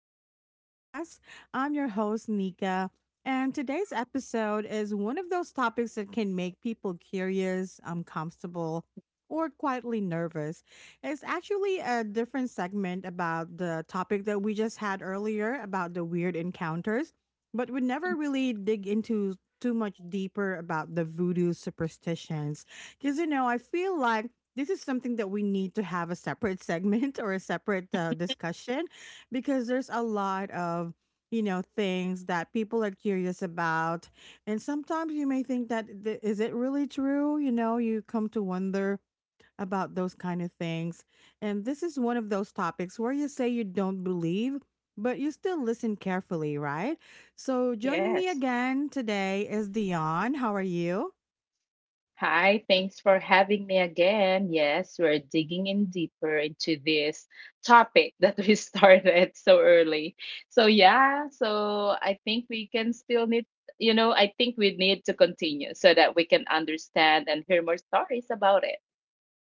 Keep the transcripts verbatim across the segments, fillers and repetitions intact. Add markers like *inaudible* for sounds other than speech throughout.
back to the podcast. I'm your host, Nika, and today's episode is one of those topics that can make people curious, uncomfortable, or quietly nervous. It's actually a different segment about the topic that we just had earlier about the weird encounters, but we never really dig into too much deeper about the voodoo superstitions because you know I feel like this is something that we need to have a separate segment *laughs* or a separate uh, discussion because there's a lot of you know things that people are curious about. And sometimes you may think that th- is it really true? You know you come to wonder about those kind of things. And this is one of those topics where you say you don't believe, but you still listen carefully, right? So joining me Yes. again today is Dion. How are you? Hi, thanks for having me again. Yes, we're digging in deeper into this topic that we *laughs* started so early. So, yeah, so I think we can still need, you know, I think we need to continue so that we can understand and hear more stories about it.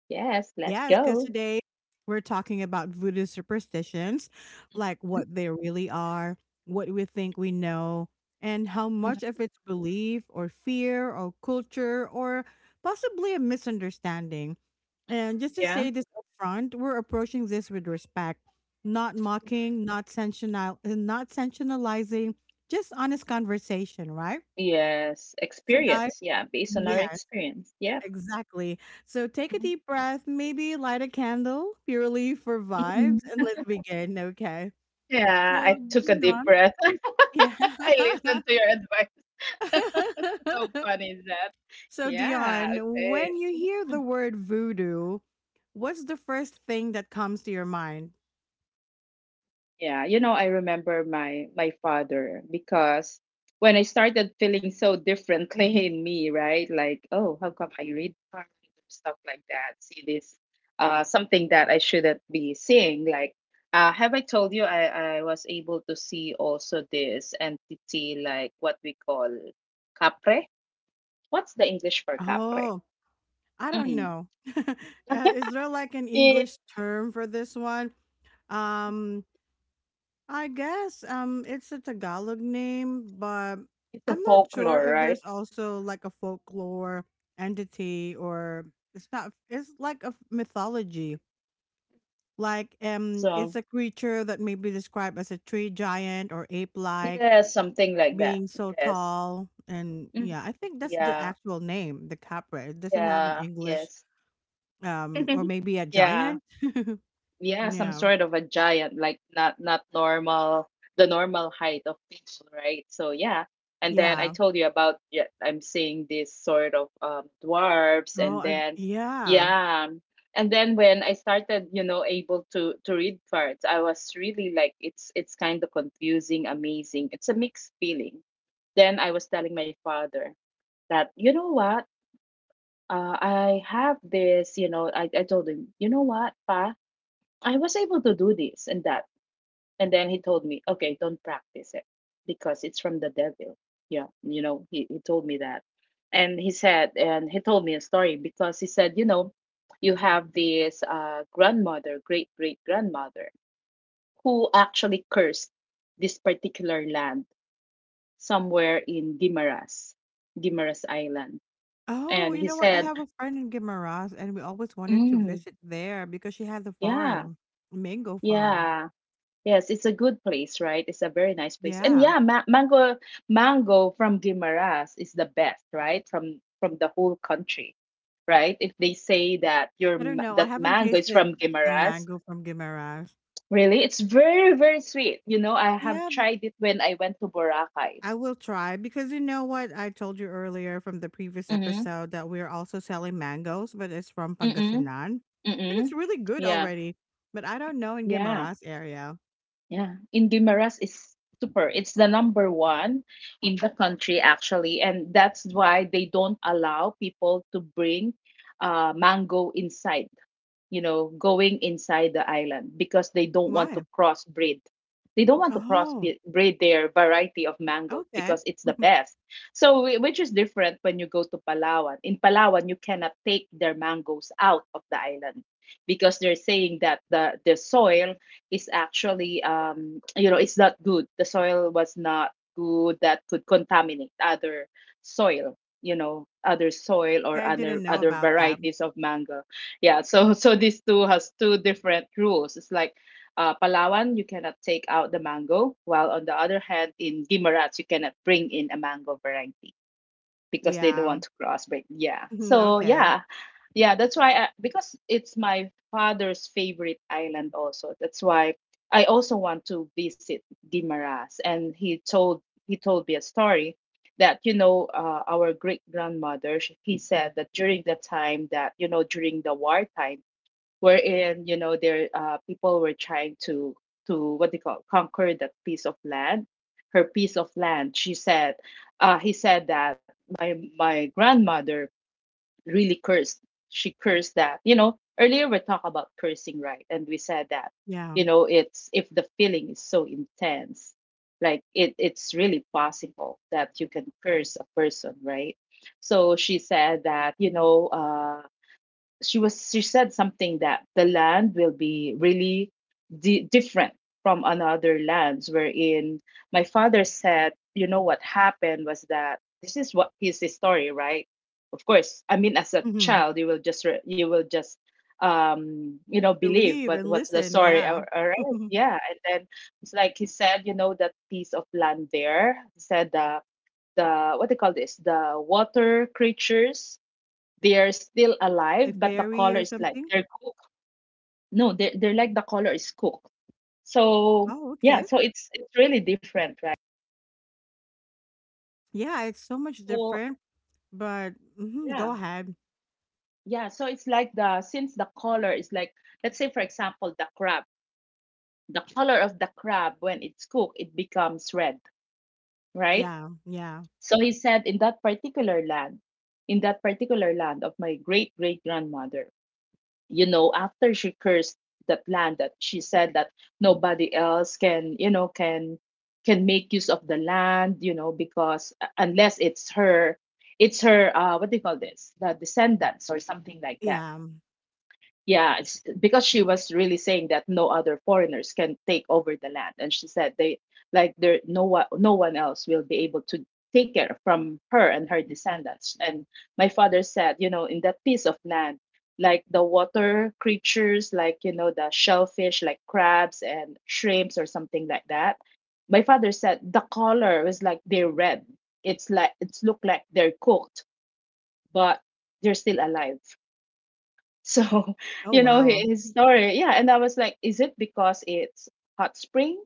Yes, let's Yes, because go. today we're talking about voodoo superstitions, like Mm, what they really are, what we think we know, and how much mhm. of it's belief or fear or culture or possibly a misunderstanding. And just to Yeah. say this up front, we're approaching this with respect, not mocking, not sensational, not sensationalizing, just honest conversation, right? Yes, So, guys, experience. Yeah, based on our yes. experience. Yeah. Exactly. So take a Mhm. deep breath, maybe light a candle purely for vibes, and Mhm. let's begin. Okay. So, Yeah, I took a deep Dion, breath. yeah. *laughs* I listened to your advice. *laughs* How *laughs* fun is that? So, Yeah, Dion, okay. when you hear the word voodoo, what's the first thing that comes to your mind? Yeah, you know, I remember my my father because when I started feeling so differently *laughs* in me, right? Like, oh, how come I read hard and stuff like that? See this uh something that I shouldn't be seeing. Like, uh have I told you I I was able to see also this entity like what we call capre? What's the English for capre? Oh, I don't Mm. know. *laughs* Uh, Is there like an It, English term for this one? Um, I guess um it's a Tagalog name, but it's a I'm not sure folklore, if right? there's also like a folklore entity or it's not it's like a f- mythology. Like um it's So, a creature that may be described as a tree giant or ape like yeah, something like that. being so Yes. tall, and Mhm. yeah, I think that's the Yeah. actual name, the capra. It doesn't have an Yeah. English Yes. um or *laughs* maybe a Yeah. giant. *laughs* Yeah, some Yeah. sort of a giant, like not not normal, the normal height of people, right? So yeah. And then I Yeah. told you about, yeah, I'm seeing this sort of um dwarfs, Oh, and a, then yeah. yeah. And then when I started, you know, able to to read parts, I was really like it's it's kind of confusing, amazing. It's a mixed feeling. Then I was telling my father that, you know what, uh, I have this, you know I, I told him, you know what, pa, I was able to do this and that. And then he told me, okay, don't practice it because it's from the devil. Yeah, you know he, he told me that. And he said, and he told me a story, because he said, you know you have this uh, grandmother, great great grandmother, who actually cursed this particular land somewhere in Gimaras, Gimaras Island. Oh, And you he know what? I said, have a friend in Guimaras, and we always wanted to visit there because she has a yeah, farm, a mango farm. yeah. Yes, it's a good place, right? It's a very nice place. And Yeah. yeah, ma mango mango from Guimaras is the best, right? From from the whole country, right? If they say that your I don't ma- know. I that haven't mango is from tasted some Guimaras, mango from Guimaras. really, it's very, very sweet. You know, I have Yeah, but tried it when I went to Boracay. I will try because you know what? I told you earlier from the previous Mm-hmm. episode that we're also selling mangoes, but it's from Mm-mm. Pangasinan. And it's Mm-mm. really good Yeah. already. But I don't know in Yeah. Guimaras area. Yeah, Indimaras is super. It's the number one in the country actually, and that's why they don't allow people to bring uh, mango inside, you know, going inside the island because they don't want to Why? crossbreed. They don't want to Oh, crossbreed their variety of mangoes okay. because it's *laughs* the best. So, whi- which is different when you go to Palawan. In Palawan, you cannot take their mangoes out of the island because they're saying that the, the soil is actually, um, you know, it's not good. The soil was not good, that could contaminate other soil, you know, other soil or Okay, I other didn't know other about that. varieties of mango. Yeah, so *laughs* so these two has two different rules. It's like, uh, Palawan, you cannot take out the mango, while on the other hand, in Guimaras, you cannot bring in a mango variety because they don't Yeah. want to cross breed. Yeah, *laughs* so Okay. yeah, yeah, that's why I, because it's my father's favorite island also. That's why I also want to visit Guimaras, and he told he told me a story that, you know uh, our great grandmother. sh- He said that during the time that, you know, during the wartime, wherein, you know there uh, people were trying to to what they call conquer that piece of land, her piece of land, she said, uh, he said that my my grandmother really cursed, she cursed that. You know, earlier we talked about cursing, right? And we said that, Yeah. you know it's, if the feeling is so intense, like it it's really possible that you can curse a person, right? So she said that, you know uh she was, she said something that the land will be really di- different from another lands, wherein my father said, you know, what happened was that this is what is his story, right? Of course, I mean, as a Mhm. child, you will just re- you will just um you know, believe Believe what, and what's the listen, story, yeah. all right? *laughs* Yeah. And then it's like he said, you know, that piece of land there, he said, uh the, what they call this, the water creatures, they are still alive, Like but the color fairy is or like something? they're cooked. No, they're, they're like the color is cooked. So Oh, yeah, okay. so it's it's really different, right? Yeah, it's so much So different, but mhm, yeah. go ahead. Yeah, so it's like, the since the color is like, let's say for example, the crab, the color of the crab when it's cooked, it becomes red, right? Yeah, yeah, So he said in that particular land, in that particular land of my great great grandmother, you know, after she cursed that land, that she said that nobody else can, you know, can, can make use of the land, you know, because uh, unless it's her, it's her uh what do you call this, the descendants or something like that. yeah. Yeah, it's because she was really saying that no other foreigners can take over the land, and she said, they like, there, no one, no one else will be able to take care from her and her descendants. And my father said, you know, in that piece of land, like the water creatures, like, you know, the shellfish, like crabs and shrimps or something like that. My father said the color was like they're red. It's like it's look like they're cooked, but they're still alive. So, *laughs* Oh, you know, wow. his story. Yeah. And I was like, is it because it's hot spring?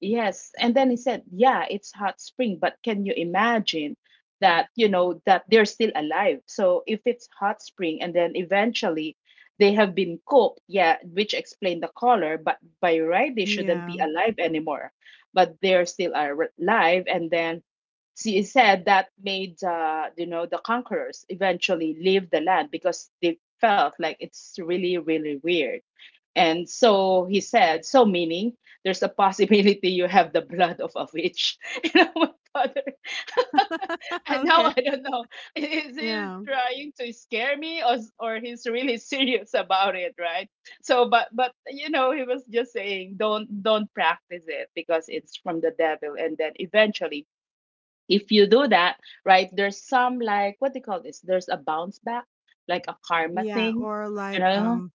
Yes. And then he said, yeah, it's hot spring, but can you imagine that, you know, that they're still alive? So if it's hot spring and then eventually they have been cooked, yeah, which explained the color, but by right, they shouldn't Yeah. be alive anymore. But they're still ar- alive. And then she said that made, uh, you know, the conquerors eventually leave the land because they felt like it's really, really weird. And so he said, so meaning there's a possibility you have the blood of a witch. *laughs* And I went, "Father," *laughs* and now Okay. I don't know. Is he Yeah, trying to scare me, or, or he's really *laughs* serious about it, right? So but but you know, he was just saying don't don't practice it because it's from the devil. And then eventually, if you do that, right, there's some, like what they call this, there's a bounce back, like a karma yeah. thing, Or you like, know? um,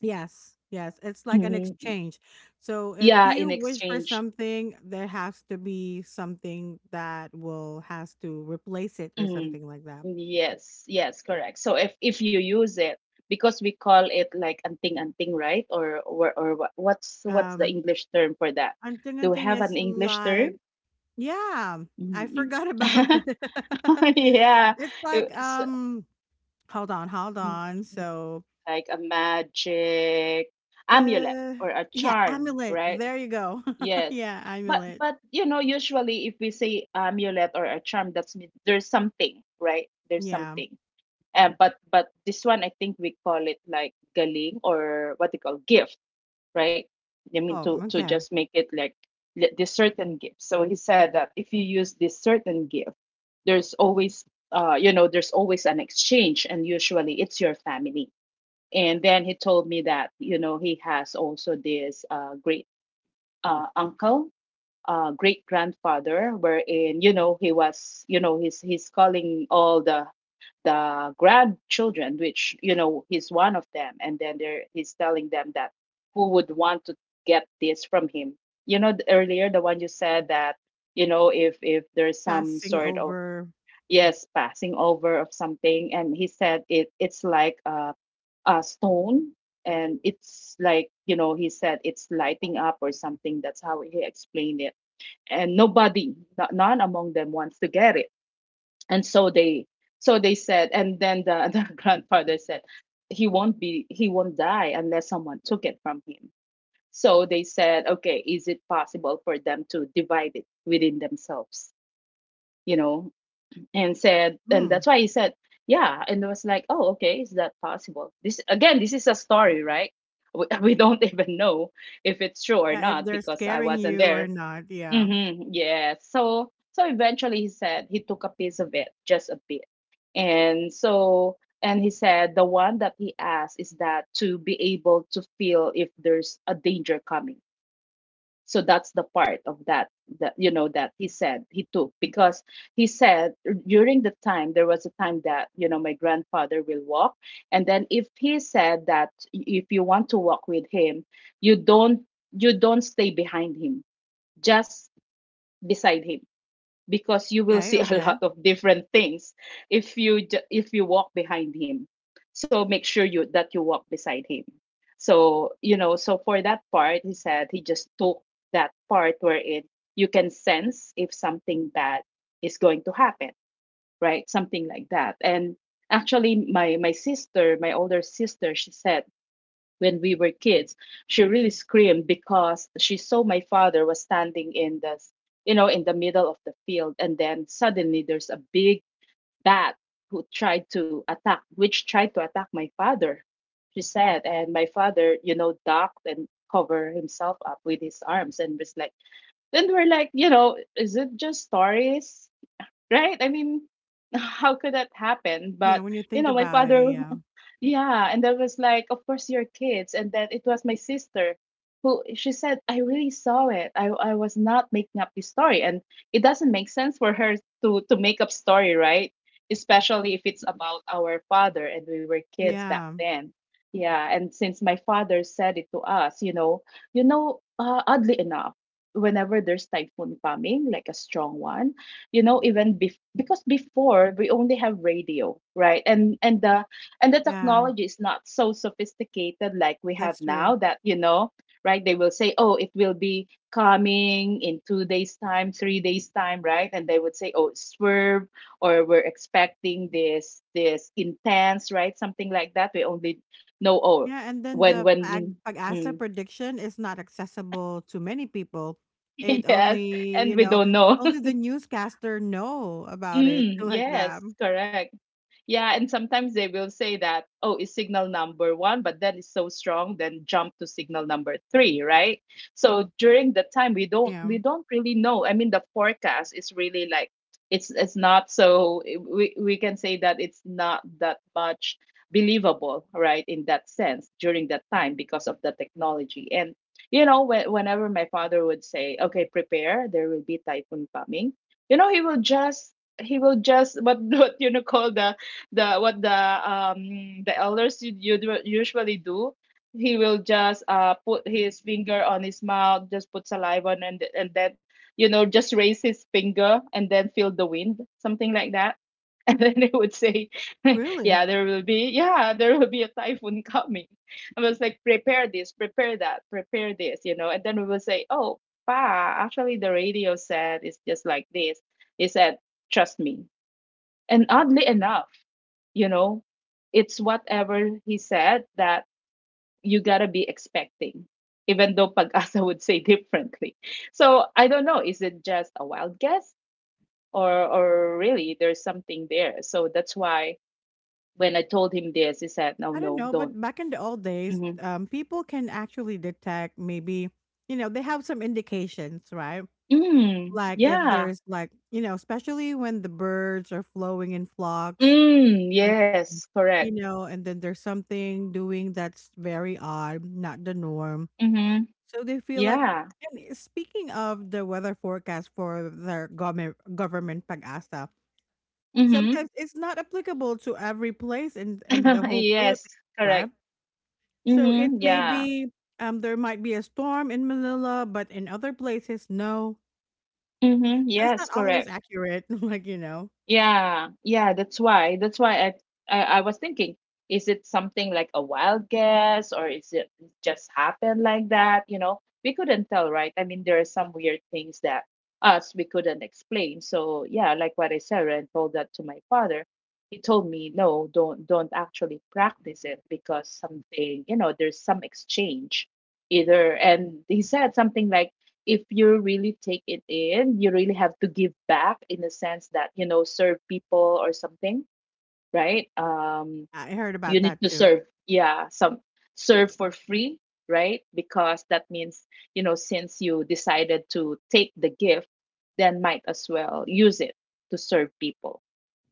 yes, yes. It's like an Mhm. exchange. So if Yeah, you in wish for exchange. something, there has to be something that will has to replace it or Mm. something like that. Yes, yes, correct. So if if you use it, because we call it like anting anting, right? Or or or what, what's what's the Um, English term for that? I'm thinking Do we thing have an is English term? like yeah, I *laughs* Mm. forgot about *laughs* it. *laughs* Yeah, It's like, it's, um hold on, hold mm, on. So, like a magic amulet uh or a yeah, charm, amulet. right? There you go. *laughs* Yes. Yeah, But amulet. but you know, usually if we say amulet or a charm, that's mean there's something, right? There's Yeah. something. Uh, but but this one, I think we call it like galing, or what they call gift, right? I mean, Oh, to to okay. just make it like li- this certain gift. So he said that if you use this certain gift, there's always uh you know, there's always an exchange, and usually it's your family. And then he told me that, you know, he has also this uh, great uh, uncle, uh, great grandfather, wherein, you know, he was, you know, he's he's calling all the the grandchildren, which, you know, he's one of them, and then there he's telling them that who would want to get this from him. You know, th- earlier, the one you said that, you know, if if there's some Passing sort of, over. yes, passing over of something. And he said it, it's like a, a stone, and it's like, you know, he said it's lighting up or something. That's how he explained it, and nobody, no- none among them wants to get it. And so they so they said, and then the, *laughs* the grandfather said, he won't be, he won't die unless someone took it from him. So they said, okay, is it possible for them to divide it within themselves, you know? And said, and Hmm. that's why he said, yeah. And it was like, oh, okay, is that possible. This again, this is a story, right? We, *laughs* we don't even know if it's true or Yeah, if not, they're because I scaring wasn't you or there. not. Yeah. Mhm, yes. So, so eventually, he said he took a piece of it, just a bit. And so, and he said the one that he asked is that to be able to feel if there's a danger coming. So that's the part of that that you know that he said he took because he said during the time there was a time that you know my grandfather will walk, and then if he said that if you want to walk with him, you don't you don't stay behind him, just beside him, because you will Okay, see *laughs* a okay. lot of different things if you ju- if you walk behind him. So make sure you that you walk beside him. So you know, so for that part he said he just took that part where it, you can sense if something bad is going to happen, right? Something like that. And actually my my sister, my older sister, she said when we were kids she really screamed because she saw my father was standing in the, you know, in the middle of the field, and then suddenly there's a big bat who tried to attack, which tried to attack my father, she said. And my father, you know, ducked and covered himself up with his arms and was like, then we're like, you know, is it just stories, right? I mean, *laughs* how could that happen? Yeah, But when you you think know, my about it, father, yeah. yeah, and that was like, of course, your kids, and then it was my sister who, she said, I really saw it. I I was not making up this story. And it doesn't make sense for her to to make up story, right? Especially if it's about our father and we were kids back Yeah. then. Yeah, and since my father said it to us, you know, you know, uh, oddly enough, whenever there's typhoon coming, like a strong one, you know, even bef- because before we only have radio, right? And and the, and the Yeah, technology is not so sophisticated like we have that's now true. that you know, right, they will say, oh, it will be coming in two days time, three days time, right? And they would say, oh, swerve, or we're expecting this this intense, right? Something like that. We only know, oh, Yeah, and then when the when pag- pag-asa mm, prediction is not accessible to many people. It *laughs* yes, only, and you we know, don't know. only the newscaster know *laughs* about it *laughs* Mm, like that. yes, correct. Yeah, and sometimes they will say that, oh, it's signal number one, but then it's so strong, then jump to signal number three, right? So during the time we don't Yeah, we don't really know. I mean, the forecast is really like, it's it's not so, we we can say that it's not that much believable, right? In that sense, during that time, because of the technology and. You know, when, whenever my father would say, "Okay, prepare, there will be typhoon coming," you know, he will just he will just what *laughs* what you know call the the what the um the elders u- u- usually do. He will just uh put his finger on his mouth, just put saliva on, and and then you know just raise his finger and then feel the wind, something like that. *laughs* And then they would say, *laughs* really. yeah, there will be, yeah, there will be a typhoon coming. I was like, prepare this, prepare that, prepare this, you know. And then we will say, oh, pa, actually the radio said it's just like this. He said, trust me. And oddly enough, you know, it's whatever he said that you gotta be expecting, even though Pagasa *laughs* would say differently. So I don't know, is it just a wild guess or or really there's something there? So that's why when I told him this, he said, no, I don't no, know, but don't. back in the old days, Mm-hmm. um, people can actually detect maybe, you know, they have some indications, right? Mm, Like if yeah. there's like, you know, especially when the birds are flowing in flocks, Mm, and yes, correct. you know, and then there's something doing that's very odd, not the norm. Mm-hmm. So they feel like, Yeah. and speaking of the weather forecast for their government government pag-asa, Mm-hmm. sometimes it's not applicable to every place in in the *laughs* whole Yes, Philippines, right? correct. So it Mm-hmm. may Yeah. be um there might be a storm in Manila, but in other places, no. Mm-hmm. So it's Yes, not always correct. accurate. *laughs* Like you know, Yeah, yeah, that's why. That's why I, I I was thinking, is it something like a wild guess, or is it just happened like that? You know, we couldn't tell, right? I mean, there are some weird things that us we couldn't explain. So yeah, like what I said, right, and told that to my father. He told me, no, don't don't actually practice it, because something, you know, there's some exchange either. And he said something like, if you really take it in, you really have to give back, in the sense that, you know, serve people or something, right? Um, I heard You about need that to too. serve, yeah, some, serve for free, right? Because that means, you know, since you decided to take the gift, then might as well use it to serve people,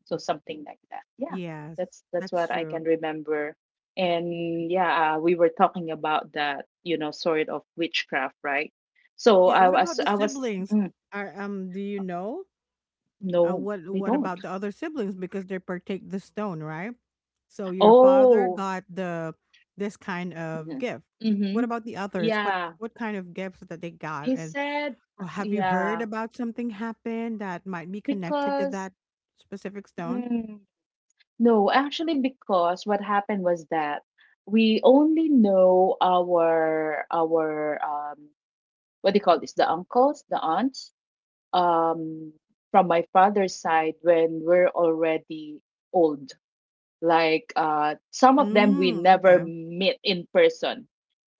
so something like that. Yeah, Yes, that's that's that's what I can true. remember. And yeah, uh, we were talking about that, you know, sort of witchcraft, right? So Yeah. i What was about the i was siblings? mm, Are um do you know. Uh, no What they what don't, about the other siblings because they partake the stone, right? So your father oh, got the this kind of mm-hmm. gift. Mm-hmm. What about the others? What yeah, What kind of gifts that they got? he And said, or have you heard yeah, about something happen that might be connected to because that specific stone? mm, no, actually because what happened was that we only know our our um what do you call this, the uncles, the aunts, um from my father's side when we're already old, like uh some of them we Mm, never okay. meet in person.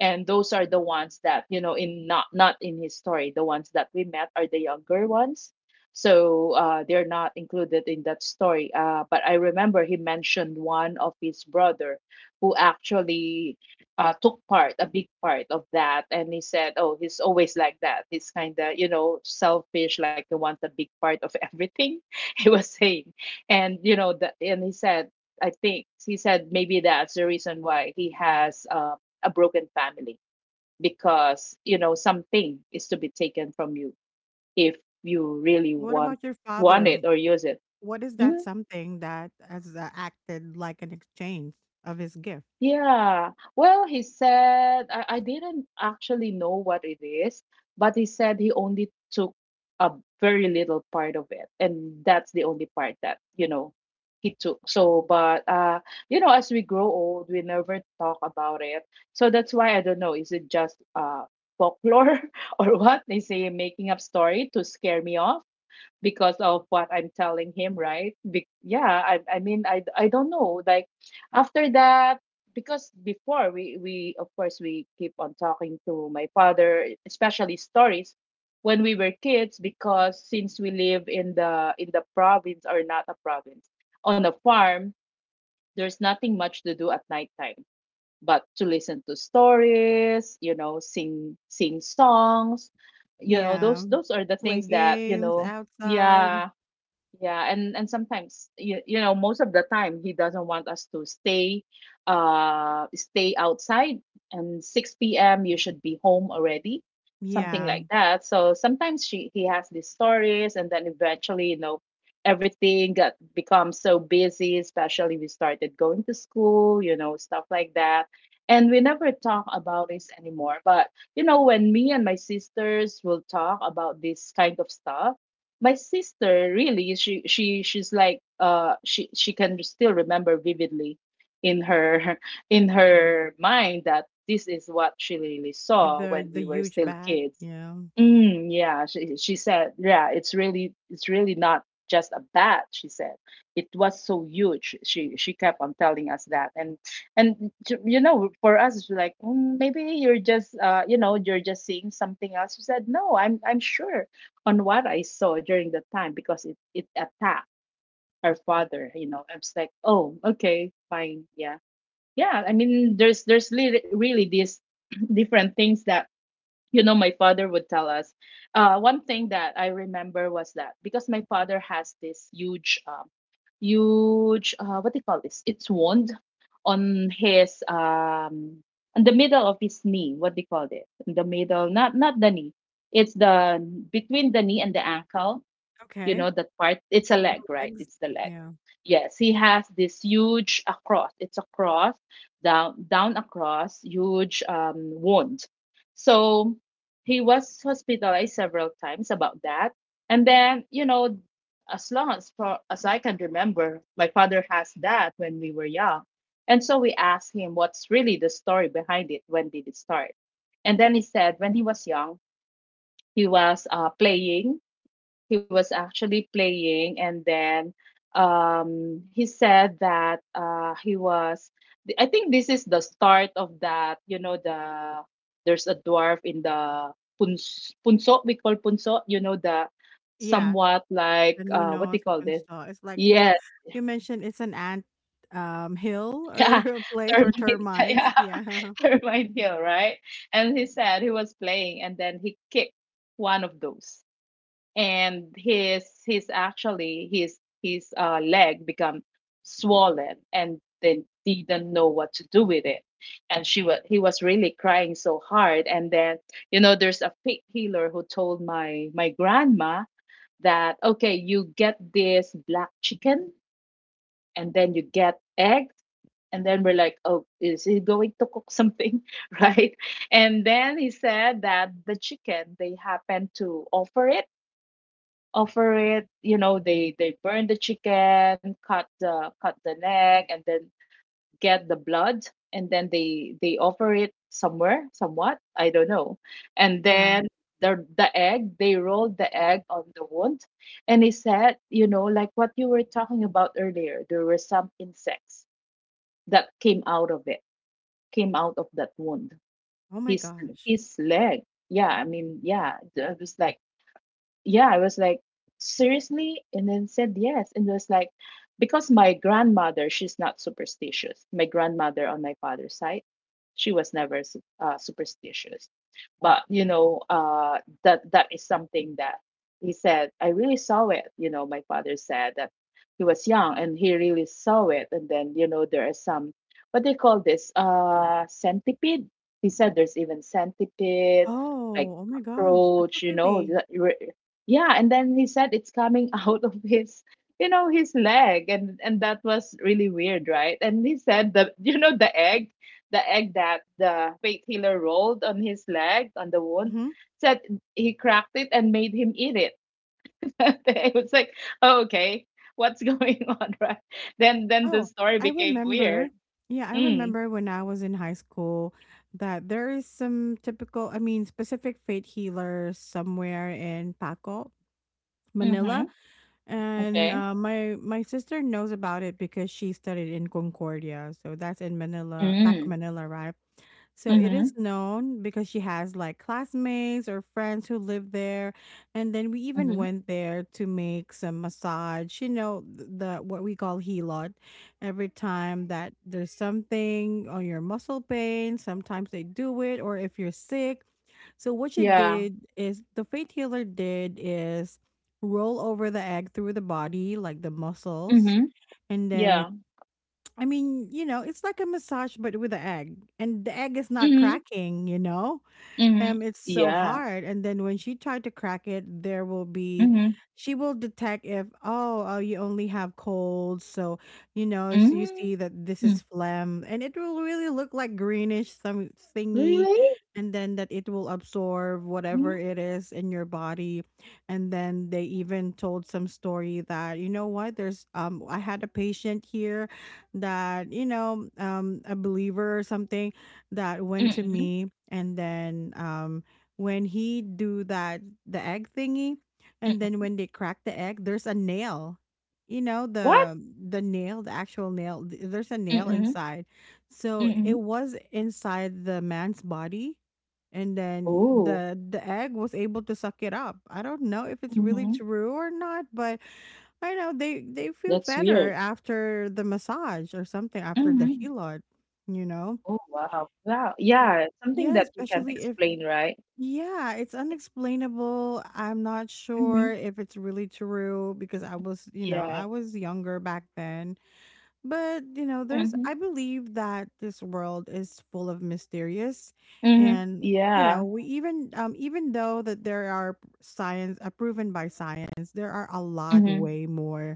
And those are the ones that you know in, not not in his story. The ones that we met are the younger ones. So uh, they're not included in that story. Uh, but I remember he mentioned one of his brother who actually uh, took part, a big part of that. And he said, oh, he's always like that, he's kind of, you know, selfish, like he wants a big part of everything, *laughs* he was saying. And you know the, and he said, I think he said maybe that's the reason why he has uh, a broken family, because you know, something is to be taken from you if you really What want about your want it father? or use it. What is that Mm, something that has uh, acted like an exchange of his gift? yeah. Well, he said, I, I didn't actually know what it is, but he said he only took a very little part of it, and that's the only part that, you know, he took. So, but uh, you know, as we grow old, we never talk about it. So that's why I don't know, is it just uh folklore *laughs* or what? They say making up story to scare me off because of what I'm telling him, right? Be- yeah, I I mean, I I don't know. Like after that, because before we we of course we keep on talking to my father, especially stories when we were kids, because since we live in the, in the province, or not a province, on a farm, there's nothing much to do at nighttime but to listen to stories, you know, sing sing songs, you know, those Yeah, those are the play things that you games know. outside. Yeah, yeah, and and sometimes you, you know, most of the time he doesn't want us to stay uh stay outside, and six p m you should be home already, something Yeah, like that. So sometimes she, he has these stories, and then eventually, you know, everything got becomes so busy, especially we started going to school, you know, stuff like that. And we never talk about this anymore. But you know, when me and my sisters will talk about this kind of stuff, my sister, really, she she she's like uh she she can still remember vividly in her *laughs* in her mind that this is what she really saw the when the we were huge still bat. kids. Yeah. Mm, yeah, she, she said, yeah, it's really, it's really not just a bat, she said. It was so huge, she she kept on telling us that. and and t- you know, for us it's like, "Mm, maybe you're just uh you know, you're just seeing something else." She said, no, i'm I'm sure on what I saw during the time, because it, it attacked her father. You know, I was like, oh, okay, fine, yeah, yeah. I mean, there's there's really, really these *clears throat* different things that you know my father would tell us. Uh, one thing that I remember was that, because my father has this huge, um, huge, uh, what do you call this? It's wound on his um on the middle of his knee. What do you call it? In the middle, not not the knee. It's the between the knee and the ankle, you Okay. know, that part. It's a leg, right? Legs. It's the leg. Yeah. Yes, he has this huge across, it's a cross down down across, huge, um, wound. So he was hospitalized several times about that. And then, you know, as long as for, as I can remember, my father has that. When we were young, and so we asked him what's really the story behind it, when did it start. And then he said when he was young, he was uh, playing. He was actually playing, and then um he said that uh he was, I think this is the start of that. You know, the there's a dwarf in the puns, punso, we call punso, you know, the Yeah. somewhat like, The new uh what do nose you call open this? saw. It's like you know, Yeah. you mentioned it's an ant um hill *laughs* Yeah, or *laughs* place or termite. *laughs* termites. Yeah. Yeah. *laughs* *laughs* Termite hill, right? And he said he was playing, and then he kicked one of those, and his his actually his his uh, leg become swollen, and then didn't know what to do with it. And she was he was really crying so hard. And then, you know, there's a pig healer who told my my grandma that okay, you get this black chicken, and then you get eggs. And then we're like, oh, is he going to cook something? *laughs* Right? And then he said that the chicken, they happened to offer it offer it. You know, they they burn the chicken, cut the cut the neck, and then get the blood. And then they they offer it somewhere, somewhat, I don't know. And Yeah. then the the egg, they rolled the egg on the wound. And he said, you know, like what you were talking about earlier, there were some insects that came out of it, came out of that wound. Oh my his gosh. his leg. Yeah. i mean yeah i was like yeah, I was like, seriously? And then said yes. And was like, because my grandmother, she's not superstitious. My grandmother on my father's side, she was never su- uh, superstitious. But you know, uh, that that is something that he said. I really saw it. You know, my father said that he was young and he really saw it. And then, you know, there are some, what they call this, uh centipede. He said there's even centipede, like Oh. Oh my gosh. That's so cockroach, you know, creepy. that re- yeah. And then he said it's coming *laughs* out of his, you know, his leg. And and that was really weird, right? And he said the, *laughs* you know, the egg, the egg that the fake healer rolled on his leg on the wound, Mm-hmm. said he cracked it and made him eat it. *laughs* It was like, oh, okay, what's going *laughs* on, right? Then then the Oh, story I became weird. remember. Yeah, I Mm, remember when I was in high school that there is some typical, I mean, specific fate healers somewhere in Paco, mm-hmm. Manila, and Okay. uh, my my sister knows about it because she studied in Concordia, so that's in Manila, Paco, Mm, Manila, right? So it mm-hmm. is known because she has like classmates or friends who live there, and then we even Mm-hmm. went there to make some massage. You know th- the what we call helot. Every time that there's something on your muscle pain, sometimes they do it, or if you're sick. So what she Yeah. did is the faith healer did is roll over the egg through the body, like the muscles, Mm-hmm. and then Yeah. I mean, you know, it's like a massage, but with an egg, and the egg is not Mm-hmm. cracking, you know? Mm-hmm. um it's so Yeah. hard, and then when she tried to crack it, there will be Mm-hmm. she will detect if, oh, oh, you only have colds, so you know so you Hmm. see that this hmm. is phlegm, and it will really look like greenish some thingy. Really? And then that it will absorb Hmm. whatever it is in your body. And then they even told some story that you know what, there's um I had a patient here that you know um a believer or something that went to mm, me. And then um when he do that, the egg thingy, and then mm. when they crack the egg, there's a nail, you know What? the the nail, the actual nail, th- there's a nail Mm, inside. So it mm. was inside the man's body, and then Oh. the the egg was able to suck it up. I don't know if it's really Mhm. true or not, but I know they they feel That's better weird. after the massage or something after the Mhm. helot you know Oh, wow. Wow. so Yeah, something yeah, that you can't especially if explain, right? yeah, it's unexplainable. I'm not sure Mhm. if it's really true because I was, you know, I Yeah. was younger back then. But, you know, there's Mhm. I believe that this world is full of mysterious. Mhm. And you Yeah. know, we even um even though that there are science uh, proven by science, there are a lot Mhm. way more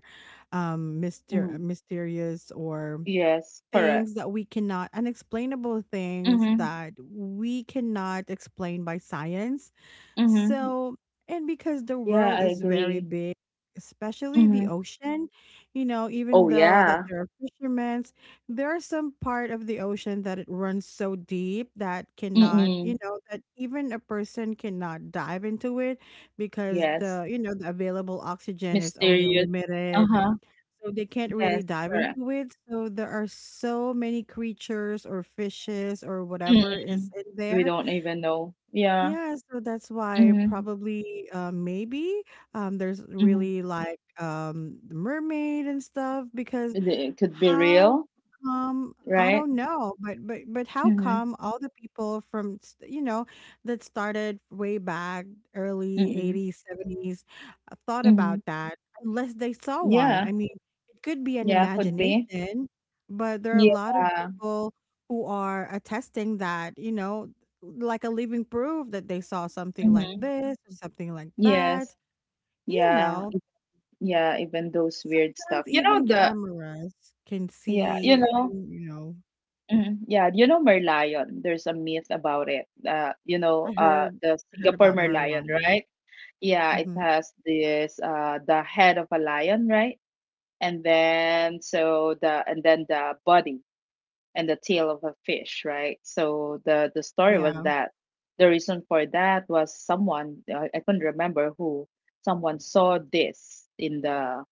um myster- Mhm. mysterious or Yes, correct. things that we cannot, unexplainable things Mhm. that we cannot explain by science. Mhm. So, and because the Yeah, world I is very agree. big, especially the Mhm. ocean, you know, even Oh, though that yeah. there are fishermen, there are some part of the ocean that it runs so deep that cannot, Mm. you know, that even a person cannot dive into it because Yes. the, you know, the available oxygen is only Mysterious. limited, Uh-huh. so they can't Yes, really dive correct. into it. So there are so many creatures or fishes or whatever is Mm. in We there, don't even know. Yeah. yeah, so that's why Mhm. probably uh, maybe um, there's Mhm. really like um, the mermaid and stuff because It it could be how real, come I right? don't know, but but but how Mhm. come all the people from s- you know that started way back early Mhm. eighties, seventies uh, thought about Mhm. that unless they saw one. Yeah. I mean, it could be an Yeah, could be. imagination, but there are a lot of Yeah. people who are attesting that you know like a living proof that they saw something like Mhm. this or something like Yes. that. You Yeah. know, e- Yeah, even those weird stuff. sometimes You know even the, cameras can yeah, you see. know. And, You know, Mhm. Yeah, you know Merlion. There's a myth about it. Uh, you know, I uh heard the I heard Singapore about Merlion, Merlin. right? Yeah, it Hmm. has this uh the head of a lion, right? And then so the and then the body and the tail of a fish, right? So the the story was Yeah, that the reason for that was someone, uh, I couldn't remember who, someone saw this in the,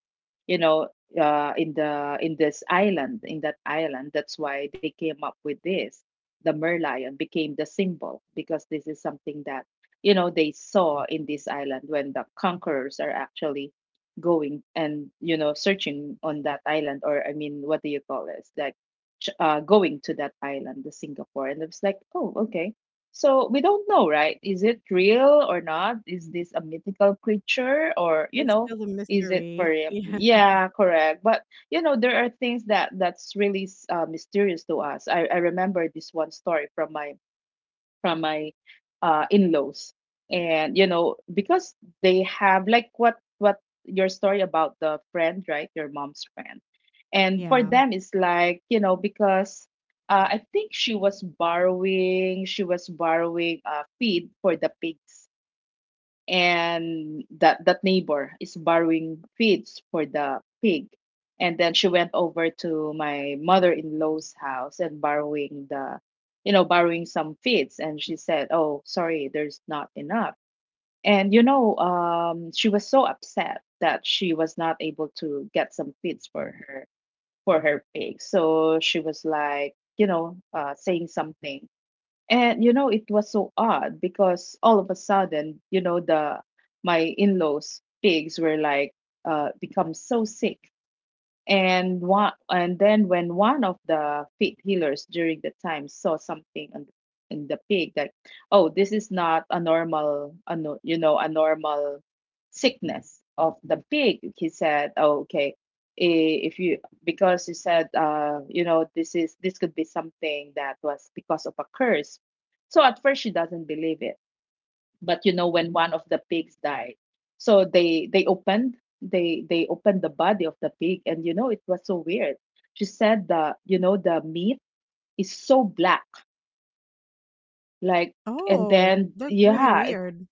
you know, uh, in the, in this island, in that island, that's why they came up with this. The merlion became the symbol because this is something that, you know, they saw in this island when the conquerors are actually going and, you know, searching on that island. Or I mean, what do you call this, like ch- uh, going to that island, the Singapore. And it's like, oh, okay, so we don't know, right? Is it real or not? Is this a mythical creature, or, you it's know, still a is it for mystery. *laughs* him? Yeah, Yeah, correct. But you know, there are things that that's really, uh, mysterious to us. I, I remember this one story from my, from my, uh, in-laws. And you know, because they have like, what what your story about the friend, right? Your mom's friend. And for yeah. them it's like, you know, because, Uh, I think she was borrowing. She was borrowing uh, feed for the pigs. And that that neighbor is borrowing feeds for the pig. And then she went over to my mother-in-law's house and borrowing the, you know, borrowing some feeds, and she said, oh, sorry, there's not enough. And you know, um she was so upset that she was not able to get some feeds for her, for her pig. So she was like, you know, uh saying something. And you know, it was so odd because all of a sudden, you know, the, my in-laws pigs were like, uh become so sick. And one, and then when one of the faith healers during the time saw something on, in the pig, like, oh, this is not a normal, a no, you know, a normal sickness of the pig. He said, oh, okay, i- if you, because he said, uh, you know, this is, this could be something that was because of a curse. So at first she doesn't believe it. But you know, when one of the pigs died, so they they opened, they they opened the body of the pig, and you know, it was so weird. She said the, you know, the meat is so black, like, and Oh, then that's really yeah. weird.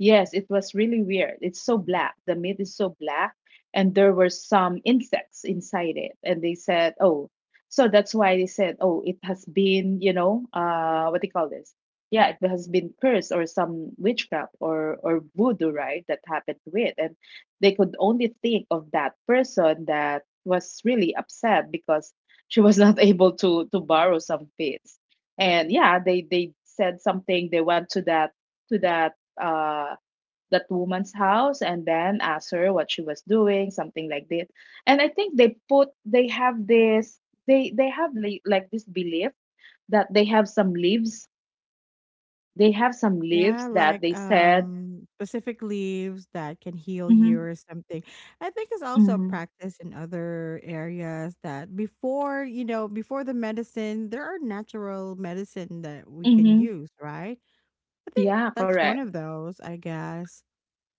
Yes, it was really weird. It's so black. The meat is so black, and there were some insects inside it. And they said, oh, so that's why they said, oh, it has been, you know, uh, what do you call this? Yeah, it has been cursed, or some witchcraft, or or voodoo, right? That happened to it. And they could only think of that person that was really upset because she was not *laughs* able to to borrow some fees. And yeah, they they said something. They went to that, to that, uh that woman's house, and then ask her what she was doing something like this. And I think they put, they have this, they they have li- like this belief that they have some leaves, they have some Yeah, leaves that like they said, um specific leaves that can heal mm-hmm. you or something. I think it's also a Mm-hmm. practice in other areas that before, you know, before the medicine, there are natural medicine that we can Mm-hmm. use, right? I think Yeah, that's one correct. of those, I guess.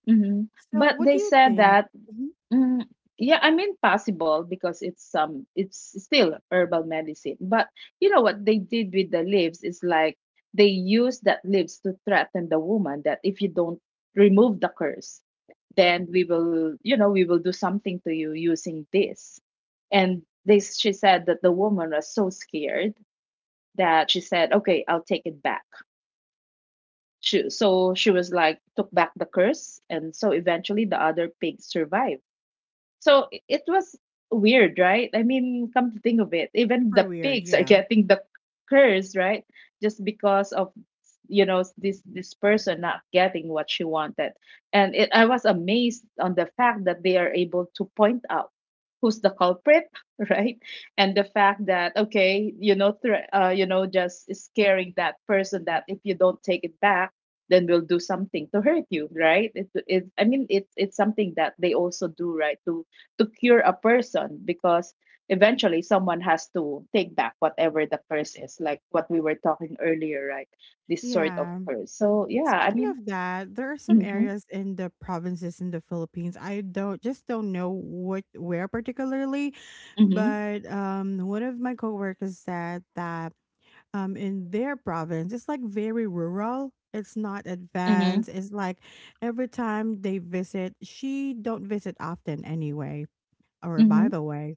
Mm-hmm. So But what they do you said think? that, Mhm. mm, yeah, I mean possible because it's um it's still herbal medicine. But you know what they did with the leaves is like, they use that leaves to threaten the woman that if you don't remove the curse, then we will, you know, we will do something to you using this. And this, she said that the woman was so scared that she said, okay, I'll take it back. She, so she was like, took back the curse. And so eventually the other pigs survived. So i- it was weird, right? I mean, come to think of it, even Super the weird, pigs are yeah. getting the curse, right? Just because of, you know, this this person not getting what she wanted. And it, I was amazed on the fact that they are able to point out who's the culprit, *laughs* right? And the fact that okay, you know, thre- uh, you know, just scaring that person that if you don't take it back, then we'll do something to hurt you, right? it, it I mean it, it's something that they also do, right? To to cure a person, because eventually someone has to take back whatever the curse is, like what we were talking earlier, right? This sort of Yeah. curse. So yeah, I Speaking mean, of that, there are some mm-hmm. areas in the provinces in the Philippines. I don't just don't know what where particularly, Mm-hmm. but um, one of my coworkers said that um, in their province, it's like very rural. It's not Mm-hmm. advanced. It's like every time they visit, she don't visit often anyway. Or by Mm-hmm. the way,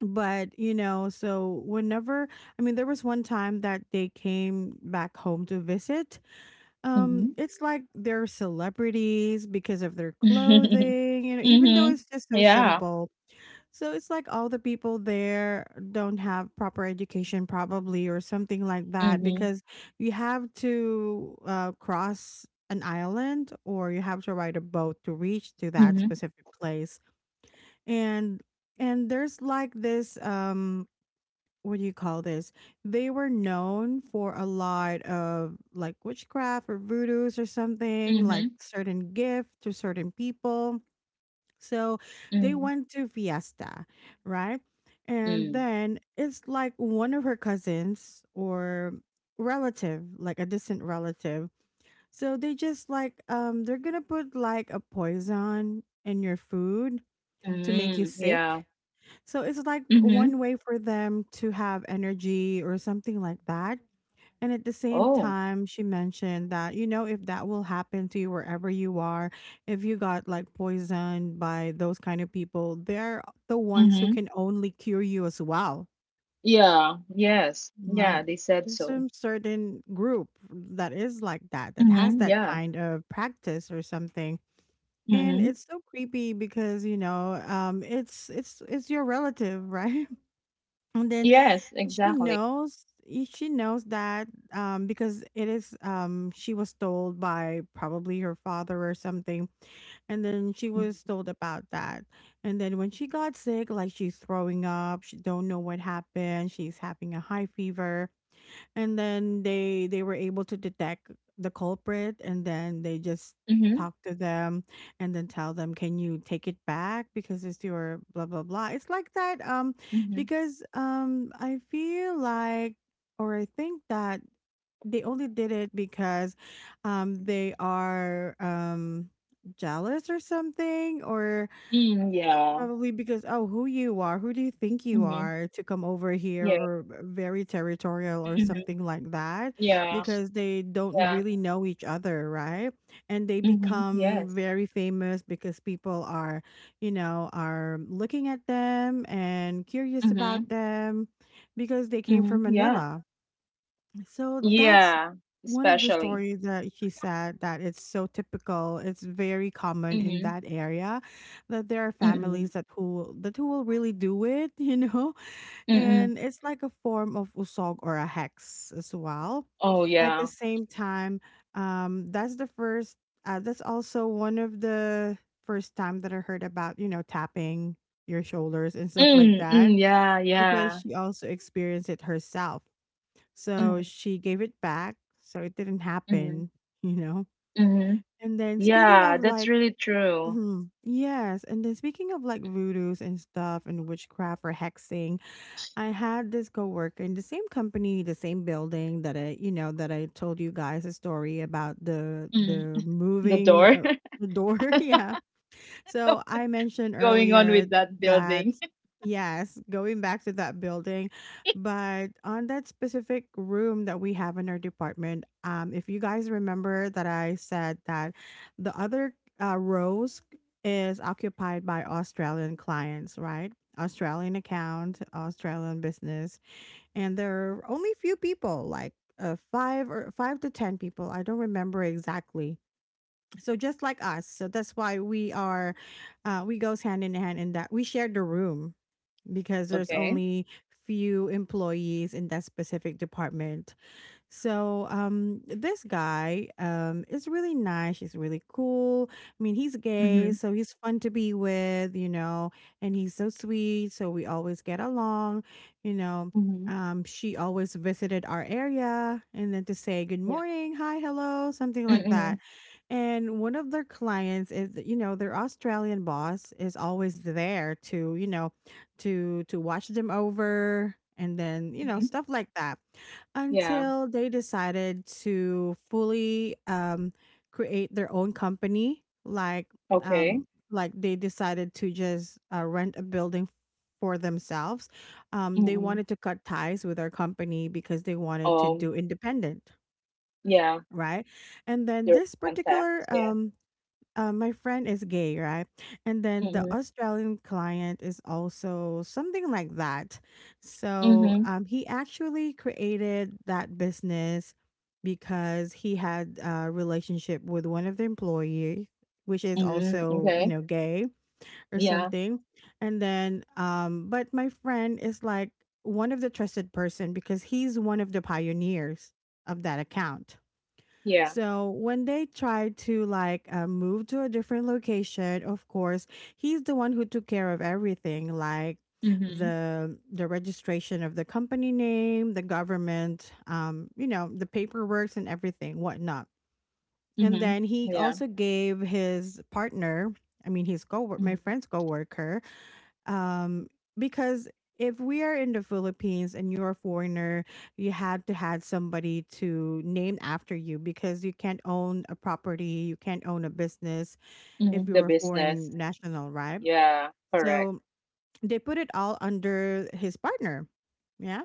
but you know, so whenever, I mean, there was one time that they came back home to visit, um, Mm-hmm. it's like they're celebrities because of their *laughs* clothing, you know, even though Mm-hmm. it's just so Yeah. simple. So it's like all the people there don't have proper education, probably, or something like that, Mm-hmm. because you have to uh, cross an island, or you have to ride a boat to reach to that Mm-hmm. specific place. And and there's like this, um what do you call this? They were known for a lot of like witchcraft or voodoos or something, Mm-hmm. like certain gift to certain people. So Mm-hmm. they went to Fiesta, right? And Mm. then it's like one of her cousins or relative, like a distant relative. So they just like, um they're gonna put like a poison in your food to make you Mm. sick. Yeah. So it's like Mm-hmm. one way for them to have energy or something like that. And at the same Oh. time, she mentioned that, you know, if that will happen to you wherever you are, if you got like poisoned by those kind of people, they're the ones who Mm-hmm. can only cure you as well. Yeah, yes, yeah, Like, they said there's so. some certain group that is like that, that has Mm-hmm. that Yeah. kind of practice or something. And Mm-hmm. it's so creepy because, you know, um, it's it's it's your relative, right? *laughs* And then Yes, she exactly. knows y- she knows that, um because it is, um she was told by probably her father or something, and then she Mm-hmm. was told about that. And then when she got sick, like she's throwing up, she don't know what happened, she's having a high fever. And then they they were able to detect the culprit, and then they just Mm-hmm. talk to them and then tell them, can you take it back because it's your blah blah blah, it's like that. Um mm-hmm. Because, um I feel like, or I think that they only did it because, um they are, um jealous or something, or Mm, yeah. probably because, oh, who you are, who do you think you Mhm. are to come over here, Yeah. or uh, very territorial or Mhm. something like that, Yeah. because they don't Yeah. really know each other, right? And they Mhm. become Yes. very famous because people are, you know, are looking at them and curious Mhm. about them because they came from Mhm. Yeah. Manila. So that's Yeah. one of the Especially. stories that she said, that it's so typical. It's very common in Mhm. that area that there are Mm. families that who that who will really do it, *laughs* you know, Mm. and it's like a form of usog or a hex as well. Oh At the yeah. same time, um, that's the first. Uh, that's also one of the first time that I heard about, you know, tapping your shoulders and stuff like Mm. that, Mm. Yeah. because Yeah. she also experienced it herself, so Mhm. she gave it back, so it didn't Mhm. happen, *laughs* you know? Mhm. And then speaking Yeah. of That's like, really true. mhm, yes. And then speaking of like voodoos and stuff and witchcraft or hexing, I had this coworker in the same company, the same building that I, you know, that I told you guys a story about the Mm. the The moving, door. uh, the door. *laughs* Yeah, so I *laughs* mentioned Going on earlier with that that, building. *laughs* yes, going back to that building, but on that specific room that we have in our department, um, if you guys remember that I said that the other, uh, rows is occupied by Australian clients, right? Australian account, Australian business, and there are only few people, like, uh, five or five to ten people. I don't remember exactly, so just like us, so that's why we are, uh, we goes hand in hand in that we share the room because there's Okay. only few employees in that specific department. So, um, this guy, um, is really nice. He's really cool. I mean, he's gay, Mhm. so he's fun to be with, you know, and he's so sweet. So we always get along, you know. Mhm. Um, she always visited our area and then to say good Yeah. morning, hi, hello, something like Mm. that. And one of their clients is, you know, their Australian boss is always there to, you know, to to watch them over and then, you know, Mhm. stuff like that, Yeah. until they decided to fully, um, create their own company, like, Okay. um, like they decided to just, uh, rent a building for themselves. Um, they Mm. wanted to cut ties with our company because they wanted to Oh. do independent, Yeah. right? And then Direct this contact. particular, um, uh, my friend is gay, right? And then the Mhm. Australian client is also something like that. So, Mhm. um, he actually created that business because he had a relationship with one of the employees, which is Mm, also, you okay. know, gay or Yeah, something. And then, um, but my friend is like one of the trusted person because he's one of the pioneers of that account. yeah. So when they tried to like, uh, move to a different location, of course, he's the one who took care of everything, like Mhm. the the registration of the company name, the government, um, you know, the paperwork and everything, whatnot. And Mhm. then he Yeah. also gave his partner, I mean, his co, my Mhm. friend's coworker, um because if we are in the Philippines and you're a foreigner, you had to had somebody to name after you because you can't own a property, you can't own a business if Mhm. The you're a business. foreign national, right? Yeah, correct. So they put it all under his partner. Yeah.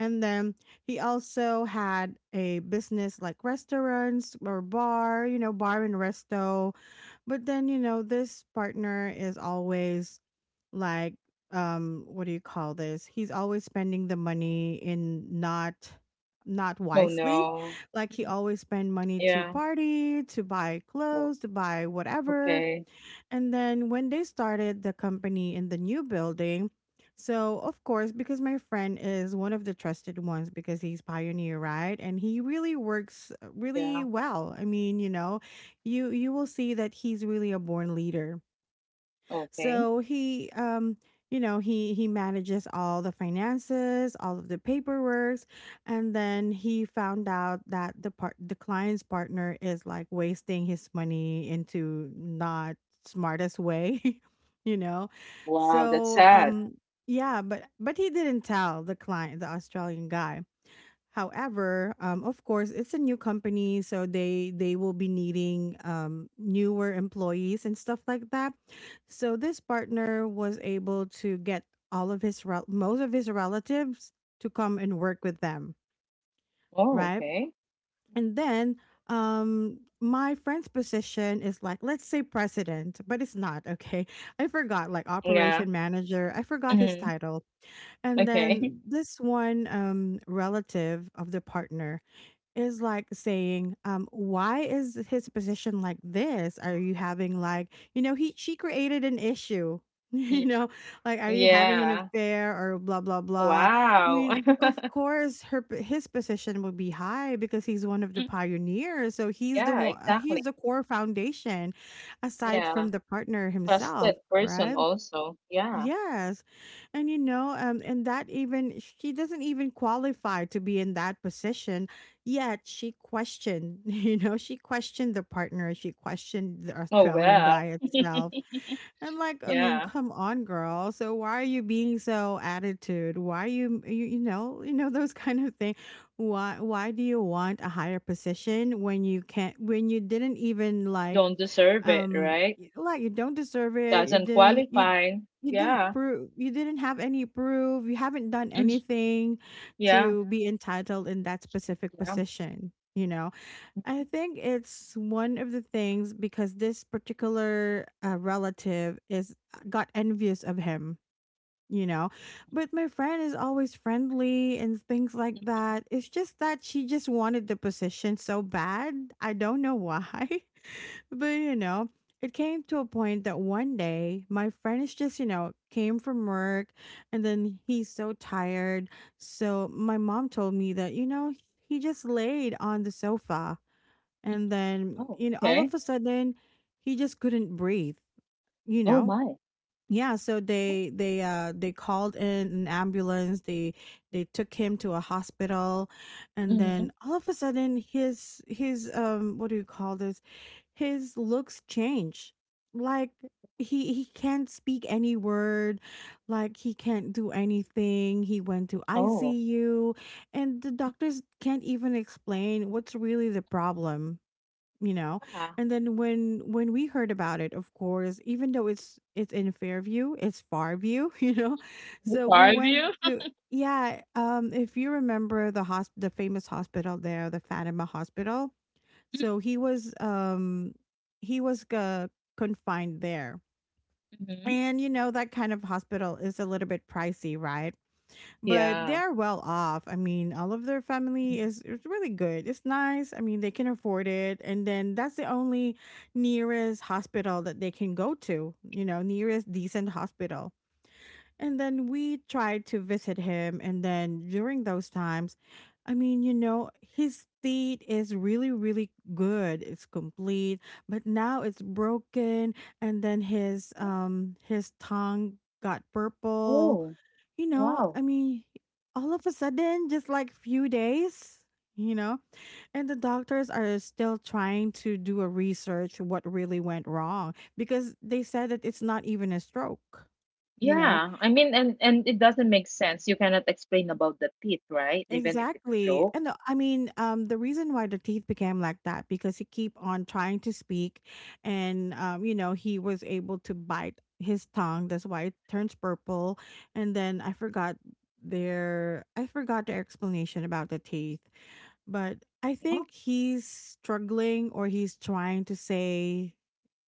And then he also had a business like restaurants or bar, you know, bar and resto. But then, you know, this partner is always like, um what do you call this, he's always spending the money in not, not Oh wisely, no. like he Mm. always spend money to Yeah. party, to buy Oh, clothes, to buy whatever. okay. And then when they started the company in the new building, so of course because my friend is one of the trusted ones, because he's pioneer, right, and he really works, uh, Yeah. really well, I mean, you know, you you will see that he's really a born leader. Okay. So he, um, you know, he he manages all the finances, all of the paperwork, and then he found out that the part, the client's partner is like wasting his money into not smartest way, *laughs* you know. Wow, that's So Yeah. sad. um, yeah, but but he didn't tell the client, the Australian guy. However, um, of course, it's a new company, so they they will be needing, um, newer employees and stuff like that. So this partner was able to get all of his rel- most of his relatives to come and work with them, Oh, right? okay. And then, um, my friend's position is like, let's say president, but it's not okay. *laughs* I forgot, like Yeah. operation manager. I forgot his Mhm. title. And Okay. *laughs* then this one, um, relative of the partner is like saying, um, why is his position like this? Are you having like, you know, he, she created an issue. *laughs* Yeah. You know, like, are you having an Yeah. affair or blah blah blah? I Wow. mean, of *laughs* course, her p- his position would be high because he's one of the Mhm. pioneers. So he's the Yeah, one, exactly. he's the core foundation, aside Yeah. from the partner Trusted himself, person right? also. Yeah. Yes. And you know, um, and that even she doesn't even qualify to be in that position, yet she questioned, *laughs* you know, she questioned the partner, she questioned the Oh Australian well. guy *laughs* itself. And like, I mean, Yeah. come on, girl. So why are you being so attitude? Why you, you, you know, you know those *laughs* kind of thing. Why why do you want a higher position when you can't, when you didn't even like, Don't deserve it, um, right? y- like you don't deserve it. You Doesn't didn't. You qualify. you didn't Yeah. prove. You didn't have any proof. You haven't done Mm. anything Yeah. to be entitled in that specific Yeah. position. You know, I think it's one of the things because this particular, uh, relative is, uh, got envious of him. You know, but my friend is always friendly and things like Mm. that. It's just that she just wanted the position so bad. I don't know why. *laughs* But you know, it came to a point that one day my friend is just, you know, came from work, and then he's so tired. So my mom told me that, you know, he just laid on the sofa, and then, Oh, you know, all okay. of a sudden he just couldn't breathe, you Oh know? my. Yeah, so they they uh they called in an ambulance. They they took him to a hospital, and Mm-hmm. then all of a sudden, his his um what do you call this? His looks change. Like he he can't speak any word, like he can't do anything. He went to Oh. I C U, and the doctors can't even explain what's really the problem, you know Yeah. and then when when we heard about it, of course, even though it's it's in Fairview, it's Farview *laughs* you know The so we car went view. to, yeah, um if you remember the hosp- the famous hospital there, the Fatima Hospital. So he was um he was uh, confined there. Mm-hmm. And you know that kind of hospital is a little bit pricey, right? But they Yeah. are well off. I mean, all of their Mhm. family is, it's really good. It's nice. I mean, they can afford it. And then that's the only nearest hospital that they can go to, you know, nearest decent hospital. And then we tried to visit him. And then during those times, I mean, you know, his state is really, really good. It's complete, but now it's broken. And then his um his tongue got purple, Oh, you know, wow. I mean, all of a sudden, just like few days, you know, and the doctors are still trying to do a research what really went wrong because they said that it's not even a stroke. You know, Yeah, I mean, and and it doesn't make sense. You cannot explain about the teeth, right? Even if it's exactly. true. And uh, I mean, um, the reason why the teeth became like that, because he keep on trying to speak and um, you know, he was able to bite his tongue. That's why it turns purple. And then I forgot their I forgot their explanation about the teeth. But I Yeah. think he's struggling or he's trying to say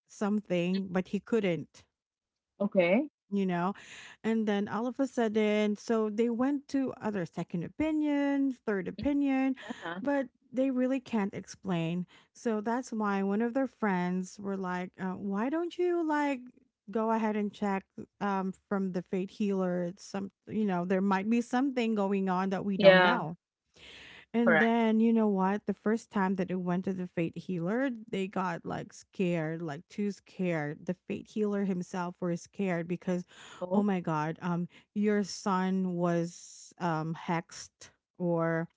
something, but he couldn't, Okay. you know? And then all of a sudden, so they went to other second opinion, third opinion, Yeah. but they really can't explain. So that's why one of their friends were like, uh, why don't you like go ahead and check, um, from the fate healer? Some, you know, there might be something going on that we don't Yeah. know. And Correct. then you know what? The first time that it went to the fate healer, they got like scared, like too scared. The fate healer himself were scared because, oh Oh, my god, um, your son was um hexed or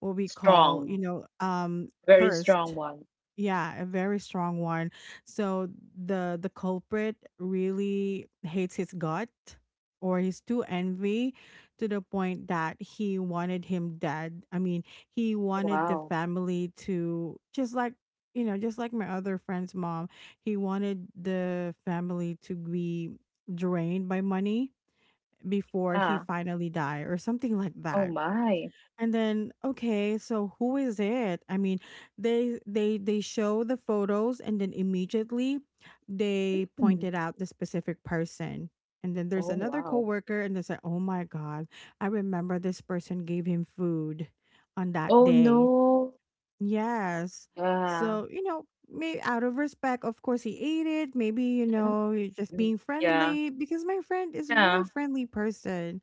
what we call, you strong. know, um, Very strong cursed. one. Yeah, a very strong one. So the the culprit really hates his gut or he's too envy to the point that he wanted him dead. I mean, he wanted the Wow. family to just like, you know, just like my other friend's mom, he wanted the family to be drained by money before he Yeah. finally die or something like Oh that. my. And then, okay, so who is it? I mean, they they they show the photos and then immediately they Hmm. pointed out the specific person. And then Oh, there's another wow. coworker and they said, "Oh my god, I remember this person gave him food on that Oh, day." no. Yes. Yeah. So, you know, maybe out of respect, of course he ate it. Maybe, you know, you're just Mm. being Yeah. friendly because my friend is a really Yeah. friendly person.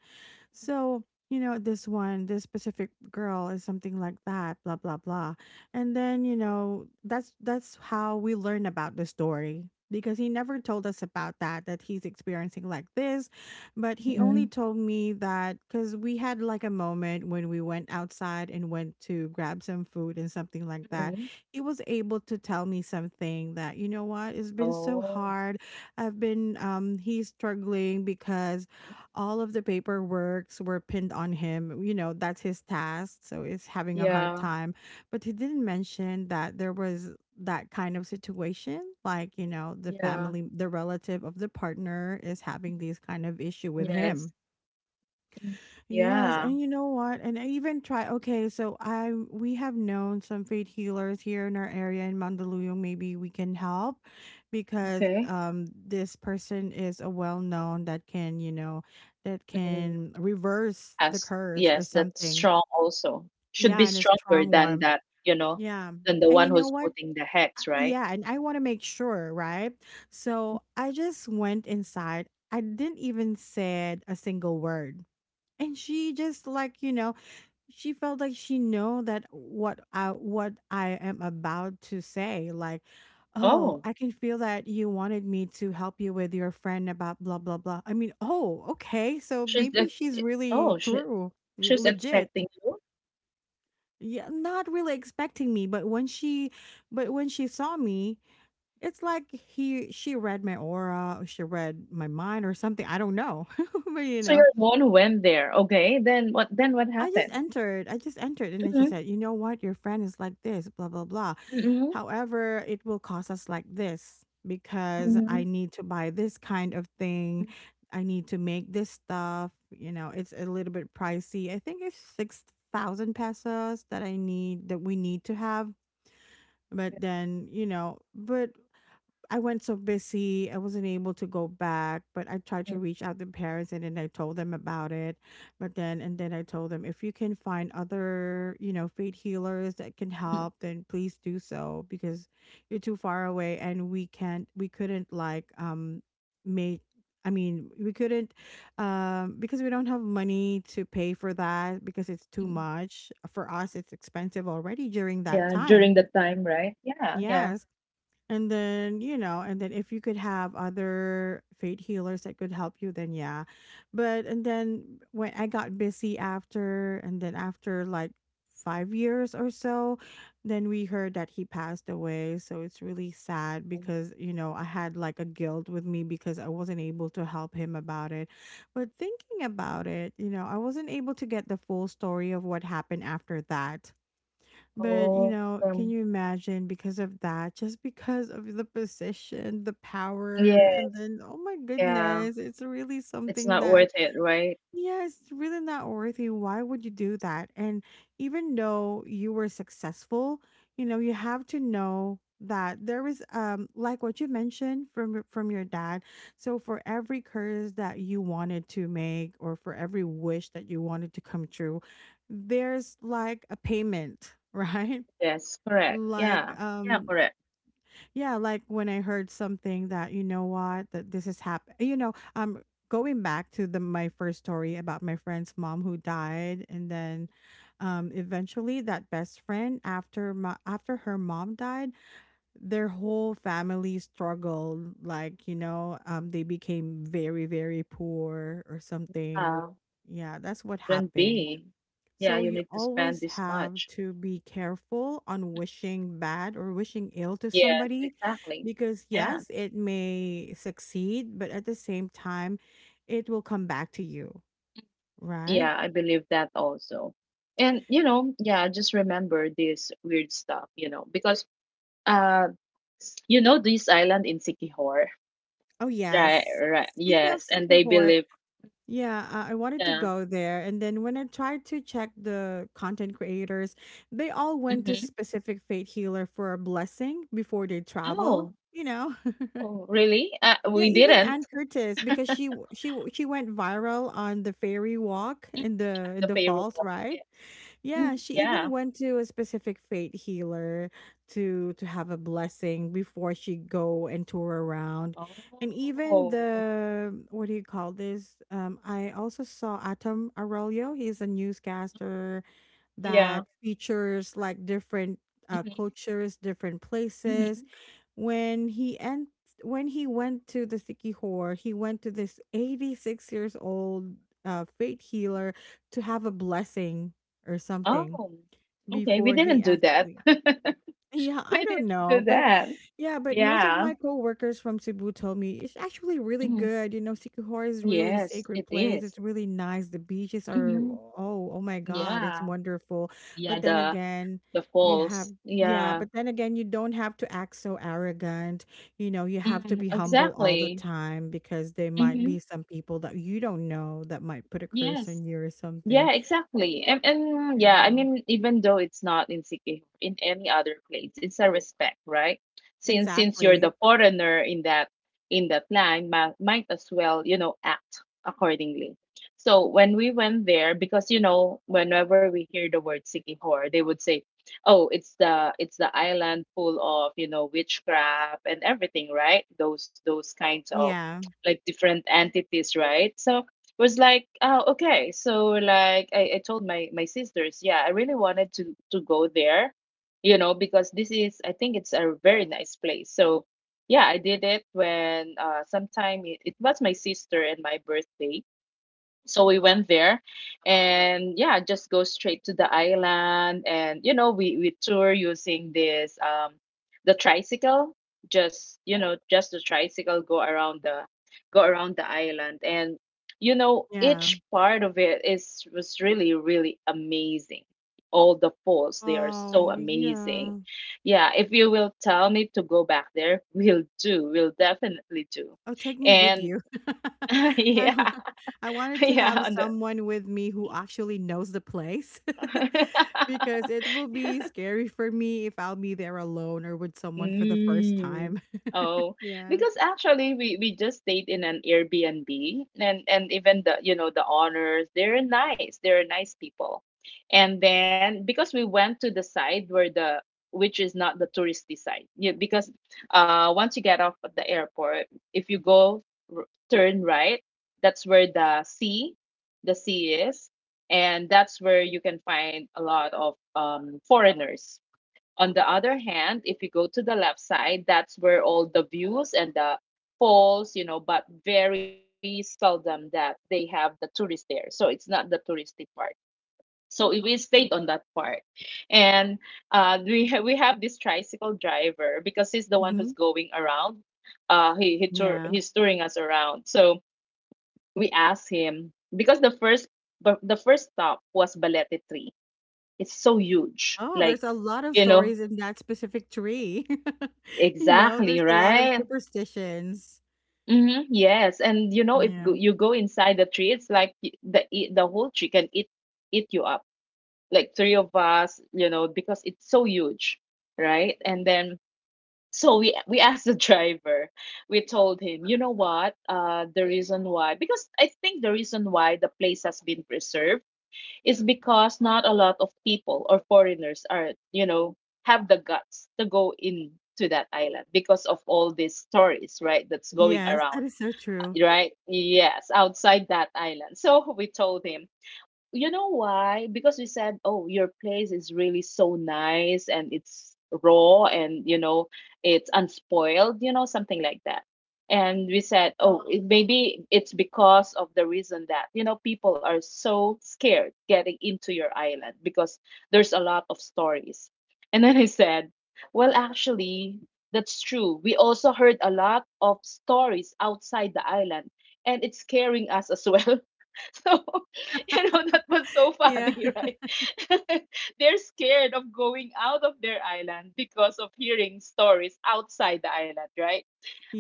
So, you know, this one, this specific girl is something like that, blah blah blah. And then, you know, that's that's how we learn about the story because he never told us about that, that he's experiencing like this, but he only Mm-mm. told me that cuz we had like a moment when we went outside and went to grab some food and something like that. Mm-mm. He was able to tell me something that, you know what, it's been so Oh, hard. I've been um he's struggling because all of the paperwork were pinned on him. You know, that's his task. So he's having a hard yeah. time. But he didn't mention that there was that kind of situation. Like, you know, the Yeah. family, the relative of the partner is having Mhm. these kind of issue with him. Yes. Mm. Yes, Yeah. and you know what? And I even try. Okay, so I we have known some faith healers here in our area in Mandaluyong. Maybe we can help because Okay. um this person is a well known that can, you know, that Mm. can reverse the Yes. curse or Yes. That's something. strong also. Should be Yeah, and a stronger strong than one. that, you know, Yeah. than the And one you know who's what? putting the I- hex, right? Yeah, and I want to make sure, right? So I just went inside. I didn't even said a single word. And she just like, you know, she felt like she know that what I what I am about to say. Like, Oh, oh, I can feel that you wanted me to help you with your friend about blah blah blah. I mean, oh, okay, so she's maybe the, she's really oh, she, true, y- she's legit. expecting you. Yeah, not really expecting me, but when she, but when she saw me, it's like he she read my aura, or she read my mind or something. I don't know, *laughs* but you So you're know, the one who went there. Okay. Then what, then what I just happened? entered. I just entered. And then she Mm-hmm. said, you know what? Your friend is like this, blah, blah, blah. Mm-hmm. However, it will cost us like this because I Mm-hmm. need to buy this kind of thing. I need to make this stuff. You know, it's a little bit pricey. I think it's 6,000 pesos that I need, that we need to have. But then, you know, but I went so busy, I wasn't able to go back, but I tried Mm. to reach out to parents and then I told them about it. But then, and then I told them if you can find other, you know, faith healers that can Mm. help, then please do so because you're too far away and we can't, we couldn't like, um, make, I mean, we couldn't, um, because we don't have money to pay for that because it's too Mm. much. For us, it's expensive already during that Yeah, time. during that time, right? Yeah, yeah. Yes, and then, you know, and then if you could have other fate healers that could help you, then yeah. But, and then when I got busy after, and then after like five years or so, then we heard that he passed away. So it's really sad because, you know, I had like a guilt with me because I wasn't able to help him about it. But thinking about it, you know, I wasn't able to get the full story of what happened after that, but, you Oh, know, can um, you imagine, because of that, just because of the position, the power, yes. and then, oh my Yeah. goodness, it's really It's something not that, worth it, right? yeah, it's really not worthy. Why would you do that? And even though you were successful, you know, you have to know that there is, um like what you mentioned from your- from your dad, so for every curse that you wanted to make or for every wish that you wanted to come true, there's like a payment *laughs* right? Yes, correct. Like Yeah. Yeah, um correct. yeah, like when I heard something that, you know what, that this has happened, you know, um going back to the my first story about my friend's mom who died, and then um eventually that best friend, after my after her mom died, their whole family struggled, like, you know, um they became very, very poor or something. Uh, Yeah, that's what couldn't happened. be. Yeah, So you you need to spend always this have much. to be careful on wishing bad or wishing ill to Yes, somebody exactly. because Yeah. yes, it may succeed, but at the same time, it will come back to you, right? Yeah, I believe that also. And you know, yeah, just remember this weird stuff, you know, because uh s- you know this island in Sikihor, Oh right? yes. Right. Speaking of Yes, and they Sikihor, believe, yeah, uh, I wanted to yeah. go there, and then when I tried to check the content creators, they all went to Mhm. specific fate healer for a blessing before they travel, Oh, you know. oh, really? Uh, Yeah, we even didn't. Ann Curtis, because she w- she w- she went viral on the fairy walk Mm. in the, in The the favorite falls, one. right? Yes. Mhm. Yeah, she Yeah. even went to a specific fate healer to to have a blessing before she go and tour around. And even Oh, okay. the what do you call this? Um I also saw Atom Arroyo, he's a newscaster Yeah. that features like different uh, hmm cultures, different places. hmm When he and when he went to the Sikihor, he went to this eighty-six years old uh, faith healer to have a blessing or something Oh, okay. We before he didn't do that. actually *laughs* *laughs* yeah, I We don't didn't do know, but that. yeah, but most of Yeah. my coworkers from Cebu told me it's actually really Mhm. good. You know, Sikihor is really a Yes, it sacred place. is. It's really nice. The beaches are Mm-hmm. oh, oh my God, it's Yeah. wonderful. Yeah, But then the again, the you have, falls. yeah, Yeah. but then again, you don't have to act so arrogant. You know, you have to Mm, be humble all the exactly. time because there might Mm-hmm. be some people that you don't know that might put a curse Yes. on you or something. Yeah, exactly. And, and yeah, I Yeah, mean, even though it's not in Sikihor, in any other place, it's a respect, right? Since since you're exactly. the foreigner in that in that line, might, might as well, you know, act accordingly. So when we went there, because you know, whenever we hear the word Sikihor, they would say, "Oh, it's the it's the island full of you know witchcraft and everything, right? Those those kinds of Yeah. like different entities, right?" So was like, oh, okay. So like I, I told my my sisters, yeah, I really wanted to to go there, you know, because this is I think it's a very nice place. So yeah, I did it when uh sometime it, it was my sister and my birthday, so we went there. And yeah, just go straight to the island, and you know we we tour using this um the tricycle, just you know just the tricycle go around the go around the island. And you know Yeah. each part of it is was really really amazing. All the falls, they are so Oh, amazing. yeah. Yeah, if you will tell me to go back there, we'll do we'll definitely do. Oh, take me with And you. *laughs* *laughs* I yeah. wa- I *laughs* wanted to Yeah, have on the. someone with me who actually knows the place *laughs* because *laughs* it will be scary for me if I'll be there alone or with someone for the first Mm. time. *laughs* Oh, Yeah. because actually we we just stayed in an Airbnb, and and even the you know the owners they're nice, they're nice people, and then because we went to the side where the, which is not the touristy side, yeah, because uh once you get off at the airport, if you go r- turn right, that's where the sea, the sea is, and that's where you can find a lot of um foreigners. On the other hand, if you go to the left side, that's where all the views and the falls, you know, but very seldom that they have the tourists there. So it's not the touristy part. So we we stayed on that part, and uh, we ha- we have this tricycle driver because he's the one Hmm. who's going around. Uh, he he tour Yeah. he's touring us around. So we asked him because the first but the first stop was Balete Tree. It's so huge, Oh, like, there's a lot of you know. stories in that specific tree. *laughs* You know, Exactly, there's a lot of right? superstitions. Hmm. Yes, and you know if go- Yeah. you go inside the tree, it's like y- the e- the whole tree can eat eat you up. Like three of us, you know, because it's so huge, right? And then so we we asked the *laughs* driver. We told him, you know what? Uh, the reason why because I think the reason why the place has been preserved is because not a lot of people or foreigners are, you know, have the guts to go in to that island because of all these stories, right? That's going Yes, that around, is so true. right? Yes, outside that island. So we told him, you know why? Because we said, "Oh, your place is really so nice and it's raw and you know, it's unspoiled, you know, something like that." And we said, "Oh, it, maybe it's because of the reason that, you know, people are so scared getting into your island because there's a lot of stories." And then I said, "Well, actually, that's true. We also heard a lot of stories outside the island and it's scaring us as *laughs* well." So, *laughs* you know, that was so Yeah. funny, right? *laughs* *laughs* They're scared of going out of their island because of hearing stories outside the island, right?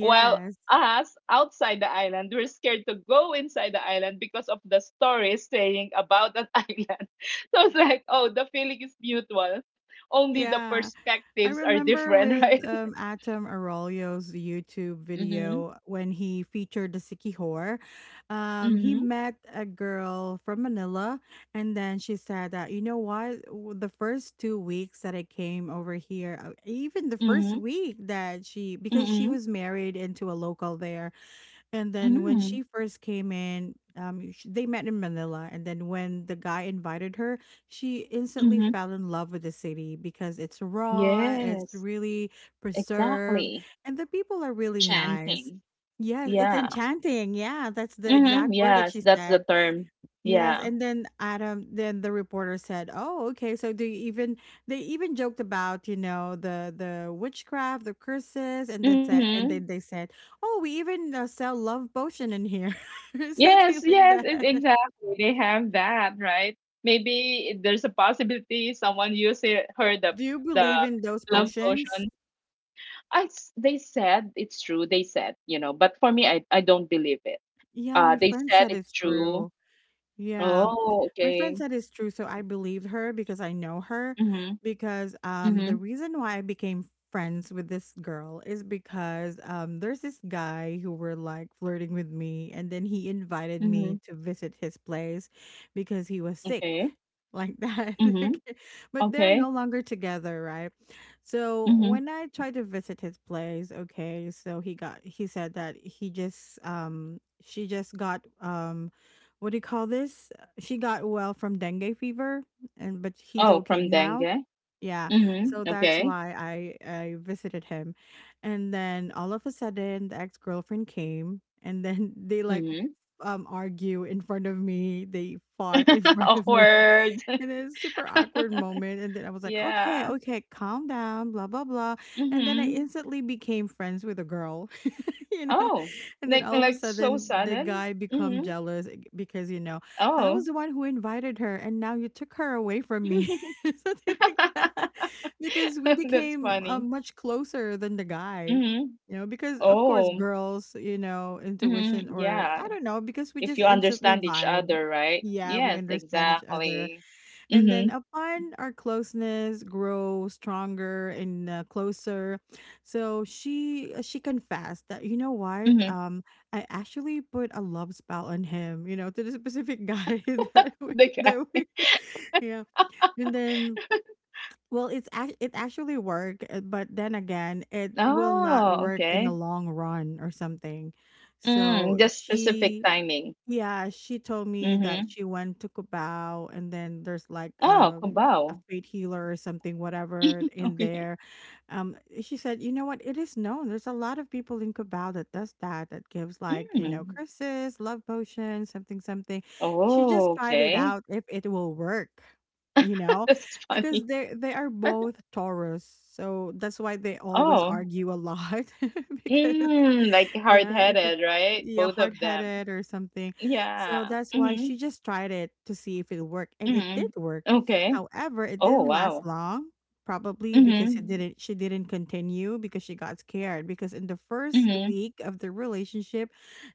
While us outside the island, we're scared to go inside the island because of the stories saying about that *laughs* island. So it's like, oh, the feeling is mutual. Only the Yeah. I perspectives are remember different, *laughs* with right? um, Atom Arroyo's YouTube Mm-hmm. video when he featured the Sikihor. Um, he Mm-hmm. met a girl from Manila, and then she said that, you know what, W- the first two weeks that I came over here, uh, even the first week that she, because she Mm-hmm. was married into a local there, and then when Mm-hmm. she first came in, um, sh they met in Manila, and then when the guy invited her, she instantly Mm-hmm. fell in love with the city because it's raw, it's Yes, really preserved, exactly. and the people are really nice. Chanting. Yes, it's Yeah. enchanting. Yeah, that's the Mm-hmm. exact word that Yes, she that's the said. term. Yes, Yeah. and then Adam, then the reporter said, "Oh, okay. So do you even they even joked about you know the the witchcraft, the curses, and then said, and Mm-hmm. then they said, oh, we even uh, sell love potion in here, *laughs* or Yes, something like yes, it, that. exactly. They have that, right? Maybe there's a possibility someone used it, heard the Do you the believe in those love potions? potion. I s- they said it's true. They said, you know, but for me, I I don't believe it. Yeah, Uh, my they friend said said it's it's true. true. Yeah. Oh, My friend okay. said it's true, so I believed her because I know her. Mm-hmm. Because um, the Mm-hmm. reason why I became friends with this girl is because um, there's this guy who were like flirting with me, and then he invited Mm-hmm. me to visit his place because he was sick, Okay. like that. *laughs* Mm-hmm. Okay. But they're Okay. no longer together, right? So Mm-hmm. when I tried to visit his place, okay, so he got he said that he just um she just got um, what do you call this? Uh, She got well from dengue fever, and but he's Oh, okay from now. dengue. Yeah, so Mm-hmm. that's Okay. why I I visited him, and then all of a sudden the ex girlfriend came, and then *laughs* they like Mhm. um argue in front of me. They fought in *laughs* *laughs* front of me, Awkward. *laughs* and it's super awkward moment. And *laughs* then I was like, okay, Yeah. okay, calm down, blah blah blah, and then I Mhm. instantly became friends with a girl. *laughs* You know, Oh, and then like all of a like so sudden the sudden? guy become Mhm. jealous eh, because you know I Oh. was the one who invited her and now you took her away from me *laughs* something like that *laughs* because we That's became uh, funny. much closer than the guy, Mhm. you know, because of course Oh. girls you know Mhm. intuition or Yeah. I don't know because we If just you instantly understand each vibe. other, right? Yeah, we Yes, understand each other, exactly. and then Mhm. upon our closeness grow stronger and uh, closer, so she uh, she confessed that you know what, Mhm. um I actually put a love spell on him, you know, to the specific guy *laughs* that *laughs* we, The that cat. we *laughs* yeah, and then well it's act it actually worked, uh, but then again it will not Oh, work in the okay. long run or something. Mm, So just specific she timing. Yeah, she told me that Mhm. she went to Cubao and then there's like Oh, a a kubaw. fate healer or something, whatever *laughs* in Okay. there. Um, she said, you know what, it is known. There's a lot of people in Cubao that does that, that gives like, you know, Mm. curses, love potions, something, something. She just Oh, tried it okay. out if it will work, you *laughs* know, That's funny. because they they are both Taurus, so that's why they always Oh. argue a lot *laughs* because Mm, like yeah, if it's hard-headed, right? yeah, Both of them. hard-headed or something. So Yeah. that's why she Mhm. just tried it to see if it worked, and it did Mhm. work. Okay. However, it Oh, didn't last wow. long, probably because it Mhm. didn't she didn't continue because she got scared because in the first Mhm. week of the relationship,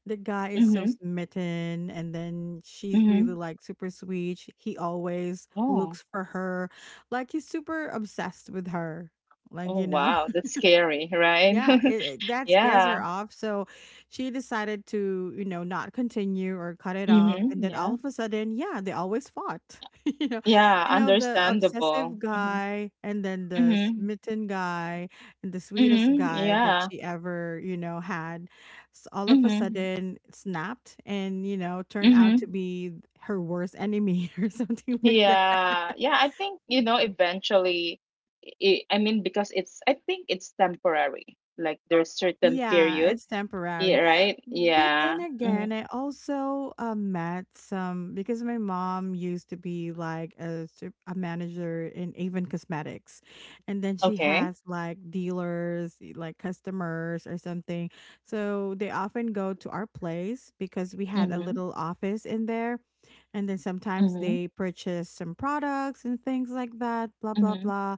the guy is so Mhm. smitten and then she's really Mhm. like super sweet. She- He always Oh. looks for her, like he's super obsessed with her. Like, Oh, you know. wow. That's scary, right? Yeah, *laughs* it, it- that scares Yeah. her off. So she decided to, you know, not continue or cut it off. Mhm. And then all Yeah. of a sudden, yeah, they always fought. *laughs* You know, Yeah, you know the obsessive understandable. Mhm. guy, and then the Mhm. smitten guy, and the sweetest Mhm. guy that Yeah. she ever, you know, had. S- all of a Mhm. sudden snapped, and you know, turned out to Mhm. be her worst enemy *laughs* or something like that. Yeah, yeah, I think, you know, eventually, i I mean, because it's, I think it's temporary. Like there's certain Yeah, period, it's yeah, temporary. right? But then Yeah. Hmm. again, I also uh, met some because my mom used to be like a, sup- a manager in Avon Cosmetics. And then she Okay. has like dealers, y- like customers or something. So they often go to our place because we had a Mm-hmm. little office in there. And then sometimes Mm-hmm. they purchase some products and things like that, blah, blah, Mm-hmm. blah,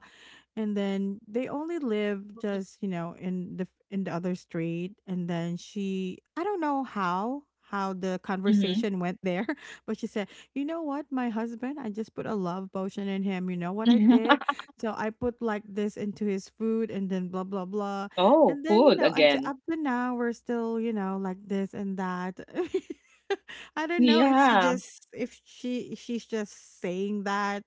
and then they only live just you know in the in the other street, and then she, I don't know how how the Mm-hmm. conversation went there, *laughs* but she said, you know what, my husband, I just put a love potion in him, you know what I did, *laughs* so I put like this into his food, and then blah blah blah, Oh, and then you food know until again. up to now we're still you know like this and that. *laughs* I don't know if she Yeah. just if she she's just saying that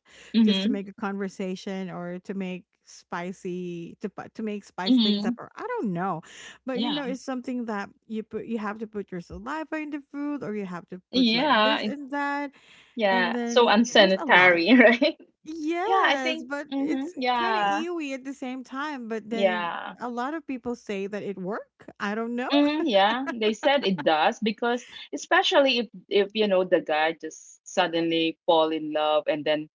just to Mm-hmm. make a conversation or to make spicy to pu- to make spice things Mm-hmm. up, or I don't know. But you know, Yeah. it's something that you put you have to put your saliva in the food, or you have to put like Yeah. this It. and that, and Yeah. So then there's a lot. unsanitary, *laughs* right? Yeah, I Yes, think. but Mm-hmm. it's kind of Yeah. ewy at the same time, but then Yeah. a lot of people say that it work. I don't know. Hmm. Yeah, they said it does because especially if if you know the guy just suddenly fall in love and then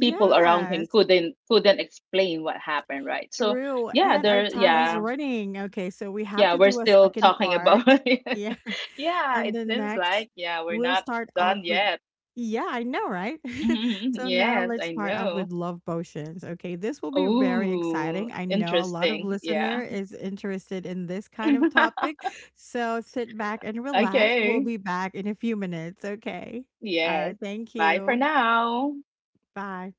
people around him couldn't couldn't explain what happened, right? So true. yeah, And our there time is yeah, running. Okay, so we have yeah, to we're do a still second talking about *laughs* part. it. Yeah. Yeah, And it then seems next, like yeah, we're we'll not start off done with, yet. yeah, I know, right? *laughs* Mhm, *laughs* So now yes, let's I start off know. with love potions. Okay, this will be very Oh, exciting. I know a lot of interesting. Yeah. listener is interested in this kind of topic. *laughs* So sit back and relax. We'll Okay. be back in a few minutes. Okay. All Yes. right. Thank Bye for you. now. Bye.